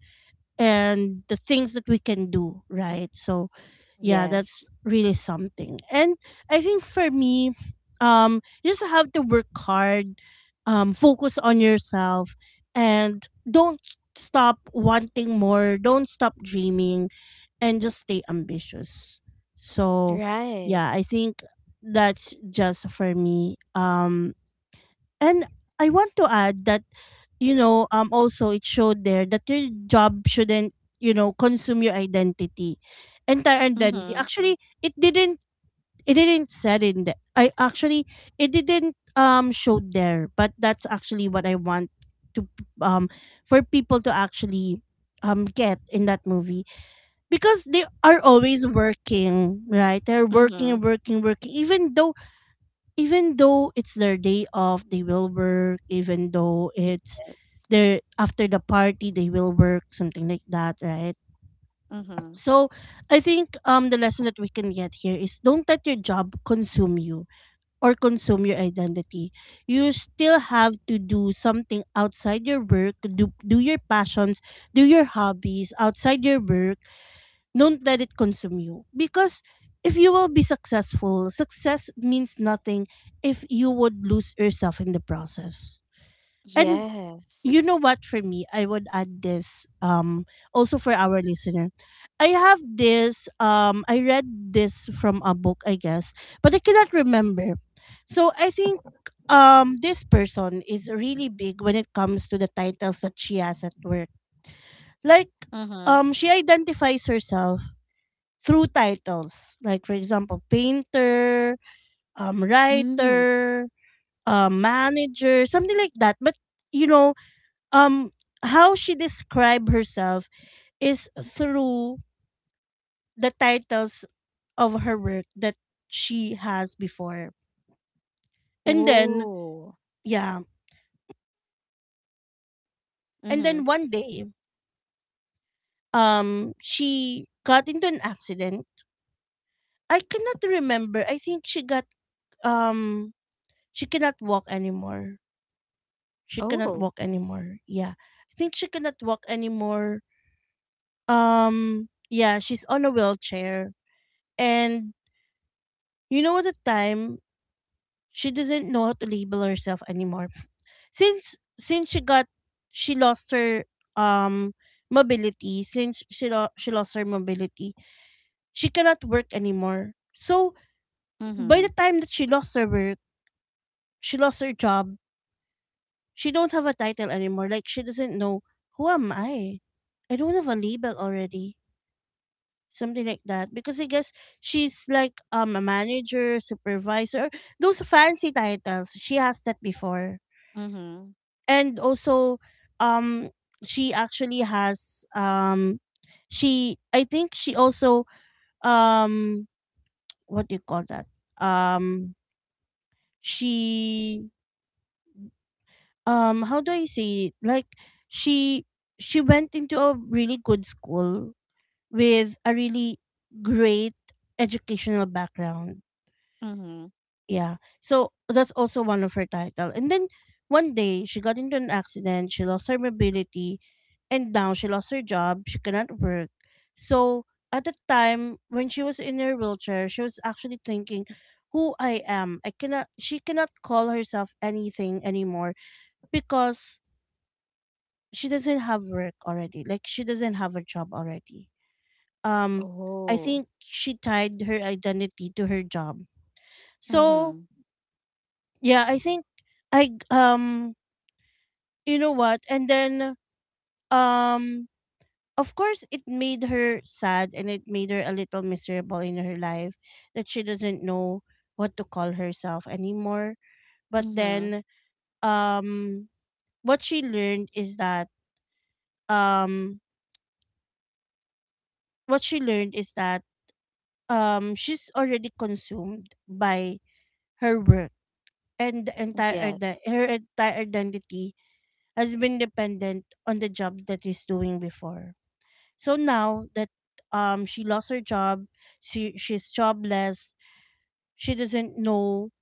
[SPEAKER 1] and the things that we can do, right? So, yeah, that's
[SPEAKER 2] Yes.
[SPEAKER 1] really something. And I think for me, you just have to work hard, focus on yourself, and don't stop wanting more, don't stop dreaming, and just stay ambitious. So,
[SPEAKER 2] Right.
[SPEAKER 1] yeah, I think that's just for me. And I want to add that, you know, also it showed there that your job shouldn't, you know, consume your identity, entire identity.
[SPEAKER 2] Mm-hmm.
[SPEAKER 1] Actually, it didn't. It didn't said in the— I actually— it didn't show there, but that's actually what I want to um for people to actually get in that movie, because they are always working, right? They're
[SPEAKER 2] Mm-hmm.
[SPEAKER 1] working, even though— even though it's their day off, they will work. Even though it's
[SPEAKER 2] Yes.
[SPEAKER 1] their— after the party, they will work, something like that, right?
[SPEAKER 2] Mhm.
[SPEAKER 1] So I think the lesson that we can get here is don't let your job consume you or consume your identity. You still have to do something outside your work, do your passions, do your hobbies outside your work. Don't let it consume you, because if you will be successful, success means nothing if you would lose yourself in the process. And you
[SPEAKER 2] Yes.
[SPEAKER 1] know what, for me I would add this, also for our listener. I have this— I read this from a book, I guess, but I cannot remember. So I think this person is really big when it comes to the titles that she has at work. Like
[SPEAKER 2] Mhm.
[SPEAKER 1] she identifies herself through titles. Like, for example, painter,
[SPEAKER 2] Mm.
[SPEAKER 1] writer, manager, something like that. But, you know, um, how she described herself is through the titles of her work that she has before. And then,
[SPEAKER 2] Oh.
[SPEAKER 1] yeah. And then
[SPEAKER 2] Mhm.
[SPEAKER 1] one day, she got into an accident. I cannot remember. I think she got— um she cannot walk anymore. She cannot
[SPEAKER 2] Oh.
[SPEAKER 1] walk anymore. Yeah. I think she cannot walk anymore. Yeah, she's on a wheelchair. And you know at the time she doesn't know how to label herself anymore. [LAUGHS] Since she got— she lost her um mobility, since she she lost her mobility, she cannot work anymore. So by the
[SPEAKER 2] Mhm.
[SPEAKER 1] time that she lost her work, she lost her job, she don't have a title anymore. Like she doesn't know, who am I? I don't have a label already, something like that. Because I guess she's like a manager, supervisor, those fancy titles she has that before.
[SPEAKER 2] Mhm.
[SPEAKER 1] And also um she actually has— she— I think she also um what do you call that, um she— how do I say it, like she— she went into a really good school with a really great educational background.
[SPEAKER 2] Mhm.
[SPEAKER 1] Yeah. So that's also one of her title. And then one day she got into an accident, she lost her mobility, and now she lost her job, she cannot work. So at the time when she was in her wheelchair, she was actually thinking, who I am? I cannot— she cannot call herself anything anymore because she doesn't have work already. Like she doesn't have a job already. Um I
[SPEAKER 2] Oh.
[SPEAKER 1] think she tied her identity to her job. So
[SPEAKER 2] Mhm.
[SPEAKER 1] yeah, I think I you know what? And then um of course it made her sad and it made her a little miserable in her life that she doesn't know what to call herself anymore. But
[SPEAKER 2] Mhm.
[SPEAKER 1] then um what she learned is that um what she learned is that she's already consumed by her work, and
[SPEAKER 2] Yes.
[SPEAKER 1] her entire identity has been dependent on the job that she's doing before. So now that she lost her job, she's jobless. She doesn't know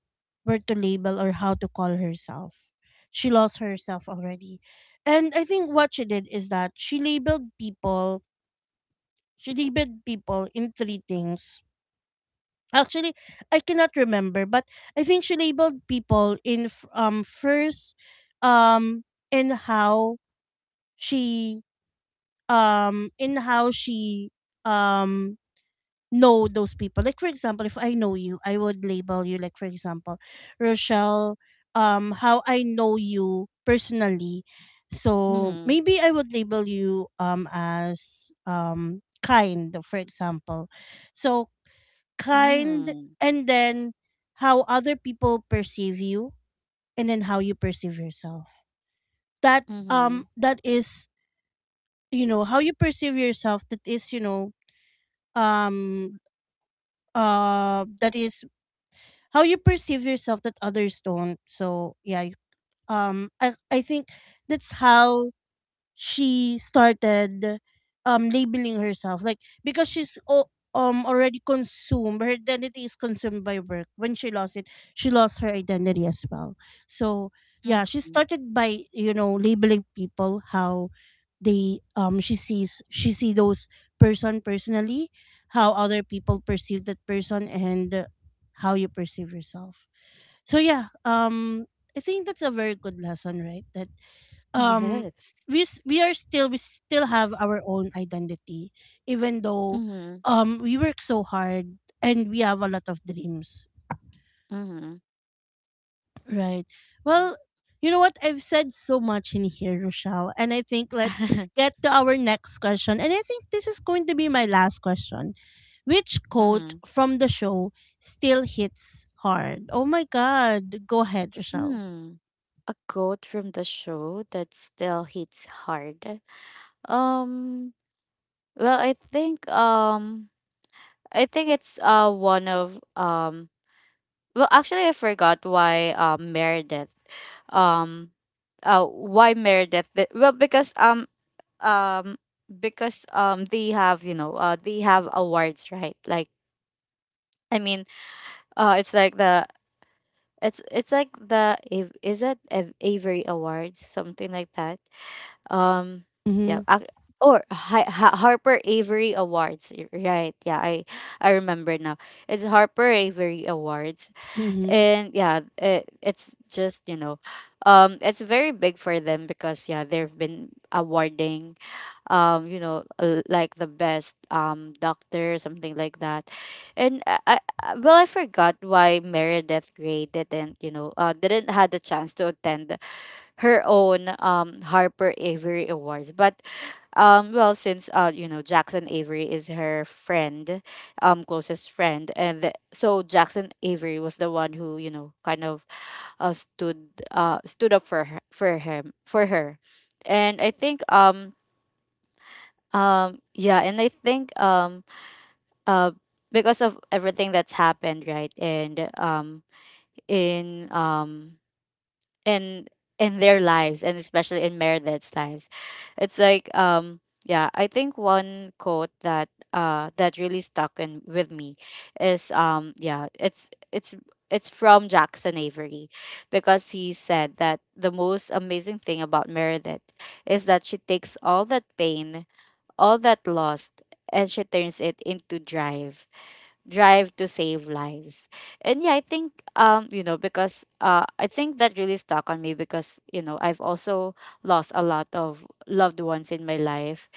[SPEAKER 1] where to label or how to call herself. She lost herself already. And I think what she did is that she labeled people in three things. Actually, I cannot remember, but I think she labeled people in first, um in how she in how she um know those people. Like, for example, if I know you, I would label you. Like, for example, Rochelle, how I know you personally. So
[SPEAKER 2] Mhm.
[SPEAKER 1] maybe I would label you as kind, for example. So kind,
[SPEAKER 2] Mm.
[SPEAKER 1] and then how other people perceive you, and then how you perceive yourself. That um
[SPEAKER 2] Mhm.
[SPEAKER 1] that is, you know, how you perceive yourself. That is, you know, um that is how you perceive yourself that others don't. So yeah, I think that's how she started labeling herself. Like, because she's already consumed, her identity is consumed by work. When she lost it, she lost her identity as well. So yeah, she
[SPEAKER 2] Mhm.
[SPEAKER 1] started by, you know, labeling people how they she sees, she see those person personally, how other people perceive that person, and how you perceive yourself. So yeah, I think that's a very good lesson, right? That um
[SPEAKER 2] Yes.
[SPEAKER 1] we are still, we still have our own identity, even though
[SPEAKER 2] Mhm.
[SPEAKER 1] we work so hard and we have a lot of dreams,
[SPEAKER 2] Mhm.
[SPEAKER 1] right? Well, you know what? I've said so much in here, Rochelle, and I think let's
[SPEAKER 2] Mhm. [LAUGHS]
[SPEAKER 1] get to our next question. And I think this is going to be my last question. Which quote from the show still hits hard? Oh my God. Go ahead, Rochelle.
[SPEAKER 2] Hmm. A quote from the show that still hits hard. Um well, I think, I think it's, one of well, actually, I forgot why, Meredith, um, why Meredith? Well, because, um because, they have awards, right? Like, I mean, it's like the— it's like the is it Avery Awards, something like that? Um, yeah.
[SPEAKER 1] Mm-hmm.
[SPEAKER 2] Or Harper Avery Awards, right? Yeah, I remember now. It's Harper Avery Awards,
[SPEAKER 1] Mm-hmm.
[SPEAKER 2] and yeah, it's just, it's very big for them because yeah, they've been awarding, like the best, doctor, something like that. And well, I forgot why Meredith gray didn't, had the chance to attend her own, Harper Avery Awards, but well, since, Jackson Avery is her friend, closest friend, and so Jackson Avery was the one who, kind of, stood up for her, for him, for her, and I think, yeah, and I think, uh because of everything that's happened, right, and, in, in in their lives, and especially in Meredith's lives. It's like, yeah, I think one quote that that really stuck in with me is, yeah, it's from Jackson Avery because he said that the most amazing thing about Meredith is that she takes all that pain, all that loss, and she turns it into drive to save lives. And yeah, I think, because, I think that really stuck on me because, I've also lost a lot of loved ones in my life.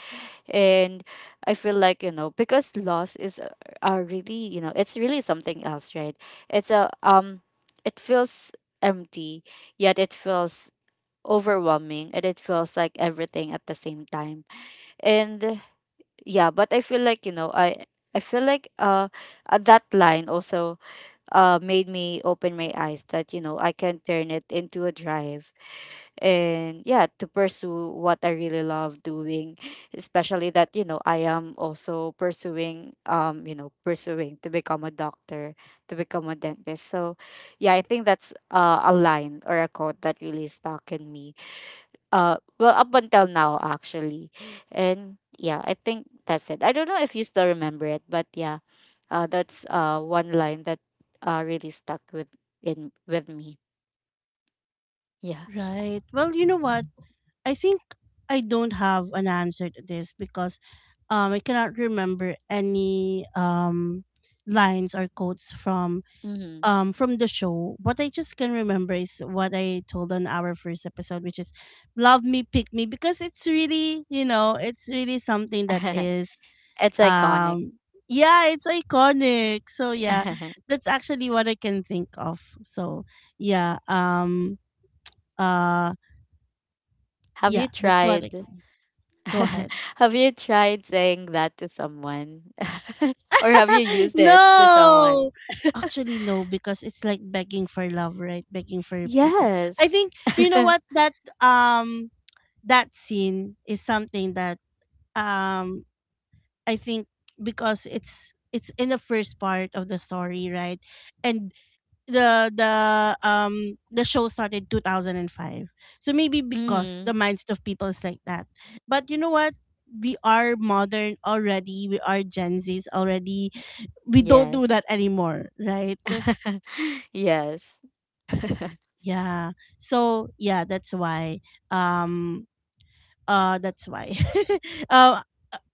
[SPEAKER 2] And I feel like, you know, because loss is a really, you know, it's really something else, right? It's a, it feels empty, yet it feels overwhelming and it feels like everything at the same time. And yeah, but I feel like, you know, I feel like that line also made me open my eyes that, you know, I can turn it into a drive, and yeah, to pursue what I really love doing, especially that, you know, I am also pursuing, pursuing to become a doctor, to become a dentist. So yeah, I think that's, a line or a quote that really stuck in me, well, up until now, actually. And yeah, I think that's it. I don't know if you still remember it, but yeah, that's, one line that really stuck with, in with me. Yeah.
[SPEAKER 1] Right. Well, you know what? I think I don't have an answer to this because I cannot remember any lines or quotes
[SPEAKER 2] Hmm.
[SPEAKER 1] from the show. What I just can remember is what I told on our first episode, which is "love me, pick me," because it's really, you know, it's really something that
[SPEAKER 2] [LAUGHS]
[SPEAKER 1] is
[SPEAKER 2] It's iconic.
[SPEAKER 1] um yeah, it's iconic. So yeah,
[SPEAKER 2] [LAUGHS]
[SPEAKER 1] that's actually what I can think of. So yeah um uh
[SPEAKER 2] Have
[SPEAKER 1] yeah,
[SPEAKER 2] you
[SPEAKER 1] that's what I
[SPEAKER 2] tried,
[SPEAKER 1] can— go
[SPEAKER 2] [LAUGHS]
[SPEAKER 1] ahead.
[SPEAKER 2] have you tried saying that to someone, [LAUGHS] or have you
[SPEAKER 1] [LAUGHS]
[SPEAKER 2] used it to someone?
[SPEAKER 1] No, actually, no, because it's like begging for love, right? Begging for people. I
[SPEAKER 2] Yes.
[SPEAKER 1] think, you know
[SPEAKER 2] [LAUGHS]
[SPEAKER 1] what, um that scene is something that um I think, because it's in the first part of the story, right? And the show started 2005. So maybe because the
[SPEAKER 2] Hmm.
[SPEAKER 1] mindset of people is like that. But you know what? We are modern already. We are Gen Zs already. We don't do
[SPEAKER 2] Yes.
[SPEAKER 1] that anymore, right?
[SPEAKER 2] [LAUGHS] Yes.
[SPEAKER 1] Yeah. So yeah, that's why. Um that's why. [LAUGHS] uh,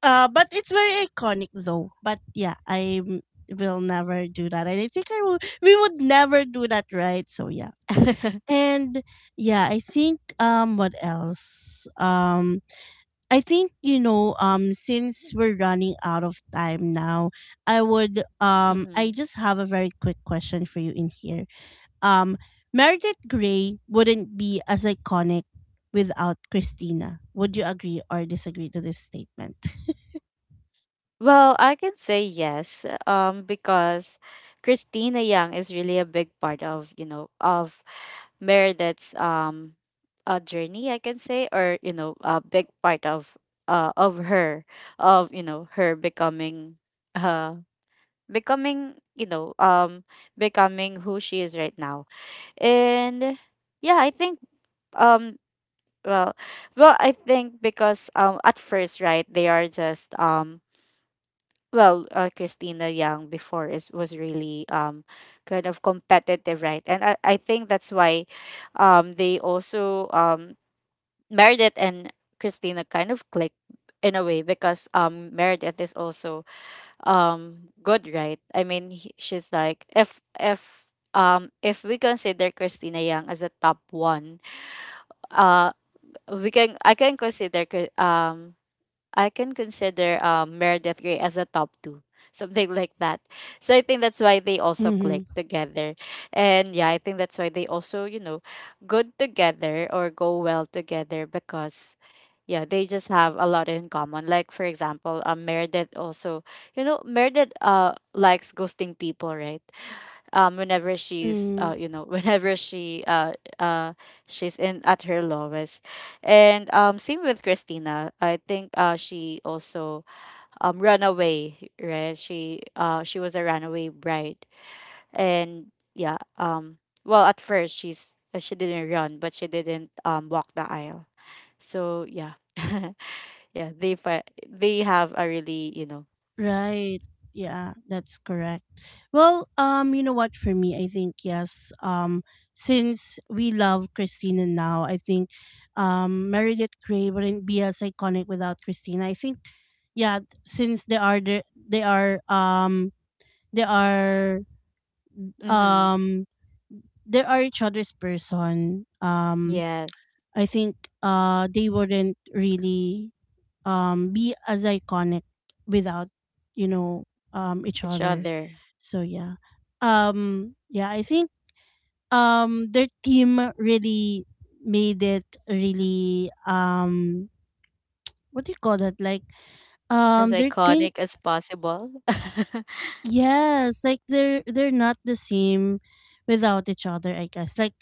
[SPEAKER 1] but it's very iconic though. But yeah, I will never do that. And I think I will, we would never do that, right? So yeah.
[SPEAKER 2] [LAUGHS]
[SPEAKER 1] And yeah, I think what else? I think, you know, since we're running out of time now, I would I
[SPEAKER 2] Mm-hmm.
[SPEAKER 1] just have a very quick question for you in here. um, Meredith Grey wouldn't be as iconic without Christina. Would you agree or disagree to this statement? [LAUGHS]
[SPEAKER 2] Well, I can say yes, because Christina Young is really a big part of, you know, of Meredith's, a journey, I can say, or, you know, a big part of, of her, of, you know, her becoming, uh becoming, you know, um becoming who she is right now. And yeah, I think, um well well, I think because, at first, right, they are just, well, Christina Young before is was really, kind of competitive, right? And I think that's why, they also, Meredith and Christina kind of click in a way because, Meredith is also, good, right? I mean, she's like, if, if we consider Christina Young as a top one, uh we can I can consider, I can consider, Meredith Grey as a top two, [LAUGHS] something like that. So I think that's why they also
[SPEAKER 1] Mm-hmm.
[SPEAKER 2] click together, and yeah, I think that's why they also, you know, good together or go well together because yeah, they just have a lot in common. Like for example, Meredith also, you know, Meredith likes ghosting people, right? Whenever she's,
[SPEAKER 1] Mm-hmm.
[SPEAKER 2] [LAUGHS] whenever she, uh she's in at her lowest, and, same with Christina. I think she also, ran away, right? She was a runaway bride, and yeah, well, at first she's, she didn't run but she didn't, walk the aisle, so yeah. [LAUGHS] Yeah, they have a really, you know—
[SPEAKER 1] Right. Yeah, that's correct. Well, you know what, for me, I think yes. Since we love Christina now, I think Meredith Grey wouldn't be as iconic without Christina. I think yeah, since they are the, they are
[SPEAKER 2] Mm-hmm.
[SPEAKER 1] um they are each other's person.
[SPEAKER 2] Yes.
[SPEAKER 1] I think they wouldn't really be as iconic without, you know, each
[SPEAKER 2] Each
[SPEAKER 1] other.
[SPEAKER 2] other.
[SPEAKER 1] So yeah, yeah, I think their team really made it really, what do you call that, like,
[SPEAKER 2] As
[SPEAKER 1] their thing.
[SPEAKER 2] iconic as possible. [LAUGHS]
[SPEAKER 1] Yes, like, they're not the same without each other, I guess. Like,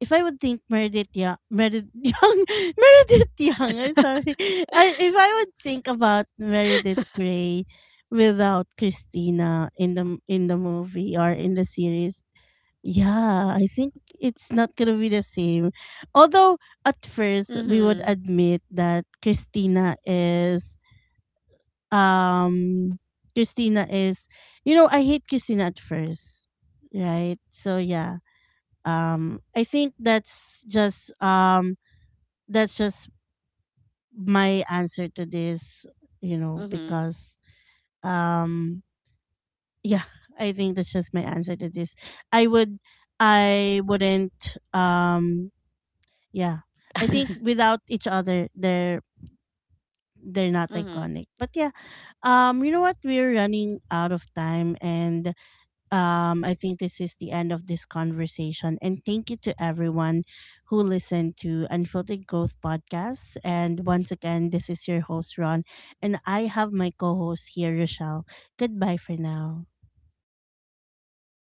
[SPEAKER 1] if I would think Meredith [LAUGHS] I'm sorry. If I would think about Meredith Grey without Christina in the movie or in the series, yeah, I think it's not gonna be the same. Although at first we would
[SPEAKER 2] Mhm.
[SPEAKER 1] admit that um Christina is, you know, I hate Christina at first, right? So yeah, I think that's just my answer to this. You know,
[SPEAKER 2] Mhm.
[SPEAKER 1] because um, yeah, [LAUGHS] I think that's just my answer to this. I would, I wouldn't. Yeah, I think without each other, they're not
[SPEAKER 2] Mhm.
[SPEAKER 1] iconic. But yeah, you know what? We're running out of time, and I think this is the end of this conversation. And thank you to everyone who listened to Unfiltered Growth Podcast. And once again, this is your host, Ron. And I have my co host here, Rochelle. Goodbye for now.
[SPEAKER 2] Bye.